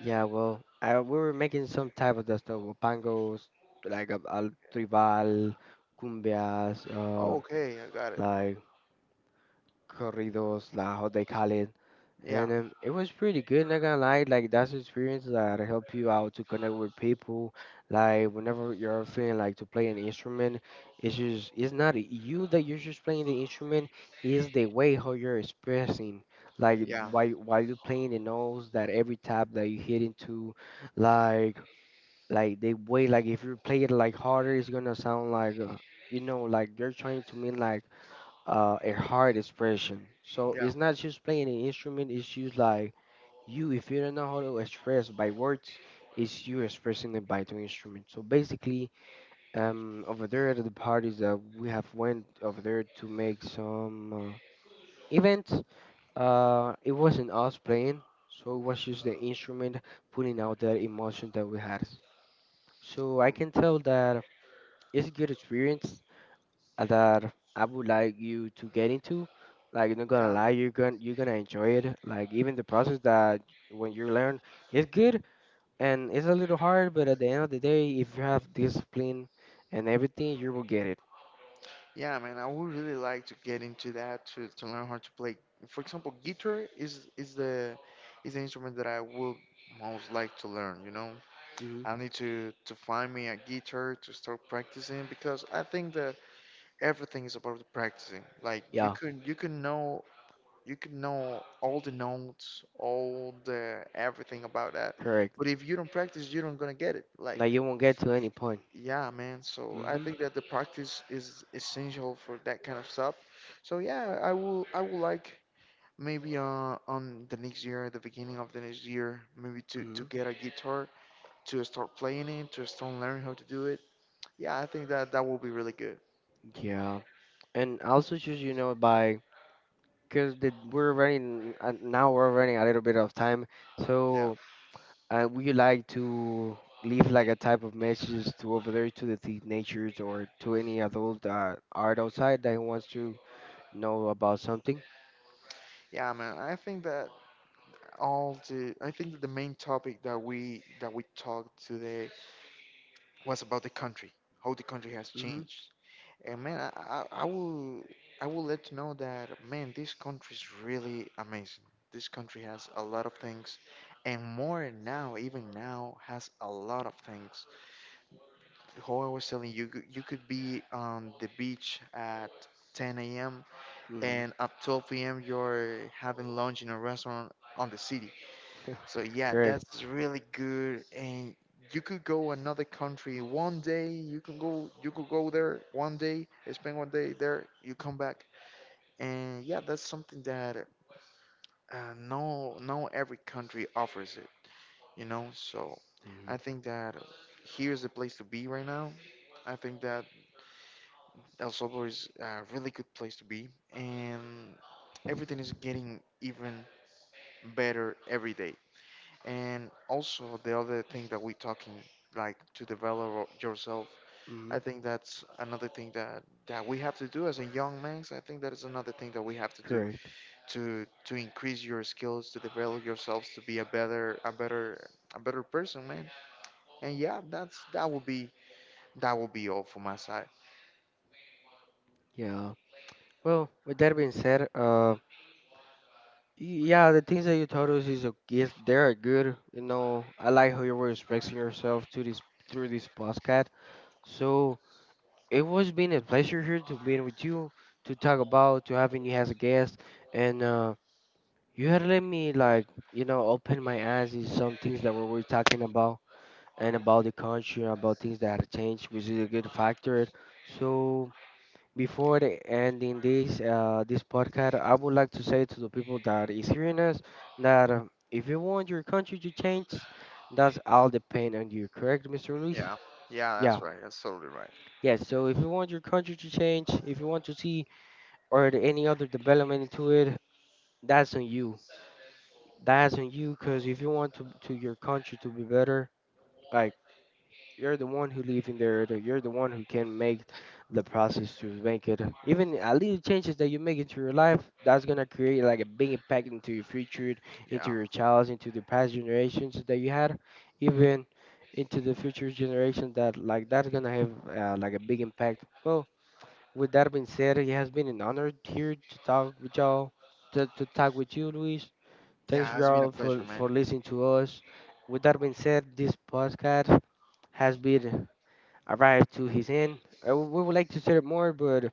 Speaker 1: Yeah, well, we were making some type of that stuff, wapangos, like a tribal, cumbias,
Speaker 2: Oh, okay, I got it.
Speaker 1: like corridos, like how they call it.
Speaker 2: Yeah,
Speaker 1: And it was pretty good, not gonna lie. Like that's an experience that help you out to connect with people. Like whenever you're feeling like to play an instrument, it's just it's not you that you're just playing the instrument. It's the way how you're expressing. Like
Speaker 2: yeah,
Speaker 1: while you're playing the notes, that every tap that you hit into, like like the way like if you play it like harder, it's gonna sound like you know like you're trying to mean like a hard expression. So
Speaker 2: yeah,
Speaker 1: it's not just playing an instrument, it's just like you, if you don't know how to express by words, it's you expressing it by the instrument. So basically, over there at the parties that we have went over there to make some events, it wasn't us playing, so it was just the instrument pulling out that emotion that we had. So I
Speaker 2: um,
Speaker 1: can tell that it's a good experience that I would like you to get into. Like, not gonna
Speaker 2: yeah,
Speaker 1: lie,
Speaker 2: man.
Speaker 1: you're gonna enjoy it. Like, even the process that when you learn is good and it's a little hard, but at the end of the day, if you have discipline and everything, you will get it.
Speaker 2: Yeah, man, I would really like to get into that, to learn how to play. For example, guitar is is the instrument that I would most like to learn, you know.
Speaker 1: Hmm
Speaker 2: I need to find me a guitar to start practicing, because I think that everything is about the practicing. Like, you
Speaker 1: Yeah,
Speaker 2: can you can know all the notes, all the everything about that,
Speaker 1: correct.
Speaker 2: but if you don't practice, you don't gonna get it. Like,
Speaker 1: Like, you won't get to any point.
Speaker 2: yeah, man. So I
Speaker 1: Hmm
Speaker 2: think that the practice is essential for that kind of stuff. So yeah, I will like maybe on the next year, the beginning of the next year, maybe to
Speaker 1: hmm
Speaker 2: get a guitar to start playing it, to start learning how to do it. Yeah, I think that that will be really good.
Speaker 1: Yeah, and I also just you know by because we're running now we're running a little bit of time,
Speaker 2: Yeah.
Speaker 1: so. And would you like to leave like a type of message to over there to the teenagers or to any adult that are outside that wants to know about something?
Speaker 2: Yeah, man. I think that the main topic that we talked today was about the country, how the country has
Speaker 1: Mm-hmm.
Speaker 2: changed. And man, I will let you know that, man, this country is really amazing. This country has a lot of things, and more now, even now, has a lot of things. How I was telling you, you could be on the beach at 10 a.m.
Speaker 1: Mm-hmm.
Speaker 2: and at 12 p.m. you're having lunch in a restaurant on the city. So yeah,
Speaker 1: Correct.
Speaker 2: that's really good. And you could go another country one day. You can go. You could go there one day. Spend one day there. You come back. And yeah, that's something that no, no every country offers it, you know. So
Speaker 1: Mm-hmm.
Speaker 2: I think that here's the place to be right now. I think that El Salvador is a really good place to be, and everything is getting even better every day. And also the other thing that we're talking, like to develop yourself.
Speaker 1: Mm-hmm.
Speaker 2: I think that's another thing that we have to do as a young man. I think that is another thing that we have to do,
Speaker 1: Correct.
Speaker 2: to increase your skills, to develop yourselves, to be a better a better person, man. And yeah, that's that will be all from my side.
Speaker 1: Yeah. Well, with that being said, yeah, the things that you told us is yes, they are good. You know, I like how you were expressing yourself to this through this podcast. So it was been a pleasure here to be with you to talk about to having you as a guest and. You had let me like you know open my eyes in some things that we were talking about and about the country, about things that have changed, which is a good factor. So before the ending this this podcast, I would like to say to the people that is hearing us that if you want your country to change, that's all depend on you. Correct, Mr. Luis?
Speaker 2: Yeah, yeah, that's
Speaker 1: Yeah.
Speaker 2: right. That's totally right.
Speaker 1: Yes. So if you want your country to change, if you want to see or the- any other development into it, that's on you. That's on you, cause if you want to your country to be better, like you're the one who live in there, the- you're the one who can make the process to make it. Even a little changes that you make into your life, that's gonna create like a big impact into your future, into
Speaker 2: Yeah.
Speaker 1: your child's, into the past generations that you had, even into the future generation. That like that's gonna have like a big impact. Well, with that being said, it has been an honor here to talk with y'all, to talk with you, Luis. Thanks,
Speaker 2: Yeah, it's been a
Speaker 1: y'all,
Speaker 2: pleasure, man.
Speaker 1: for listening to us. With that being said, this podcast has been arrived to his end. We would like to share more, but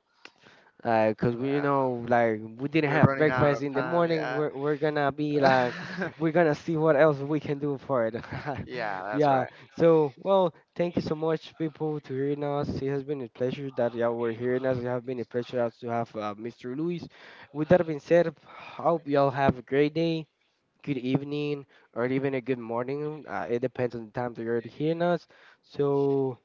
Speaker 1: because we, you
Speaker 2: Yeah.
Speaker 1: know, like we didn't
Speaker 2: We're
Speaker 1: have
Speaker 2: running out
Speaker 1: breakfast
Speaker 2: of
Speaker 1: in the
Speaker 2: time,
Speaker 1: morning,
Speaker 2: yeah.
Speaker 1: we're gonna be like, we're gonna see what else we can do for it.
Speaker 2: Yeah, that's
Speaker 1: Yeah.
Speaker 2: right.
Speaker 1: So, well, thank you so much, people, to hearing us. It has been a pleasure that y'all were hearing us. It has been a pleasure also to have Mr. Luis. With that being said, hope y'all have a great day good evening, or even a good morning. It depends on the time that you're hearing us. So,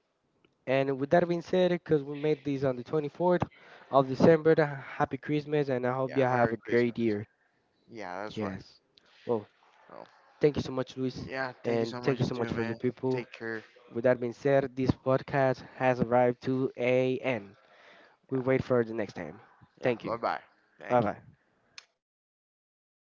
Speaker 1: and with that being said, because we made these on the 24th of December, happy Christmas, and I hope you
Speaker 2: Yeah,
Speaker 1: have
Speaker 2: Merry
Speaker 1: a
Speaker 2: Christmas.
Speaker 1: great year.
Speaker 2: Yeah, that's right.
Speaker 1: Yes. Well,
Speaker 2: Oh,
Speaker 1: thank you so much, Luis,
Speaker 2: yeah, thank you
Speaker 1: and
Speaker 2: so
Speaker 1: thank you
Speaker 2: much,
Speaker 1: so
Speaker 2: too,
Speaker 1: much for the
Speaker 2: man.
Speaker 1: people.
Speaker 2: Take care.
Speaker 1: With that being said, this podcast has arrived to a end. We
Speaker 2: Yeah,
Speaker 1: wait for the next time.
Speaker 2: yeah,
Speaker 1: Thank you.
Speaker 2: bye bye.
Speaker 1: Bye
Speaker 2: Thank
Speaker 1: bye.
Speaker 2: you.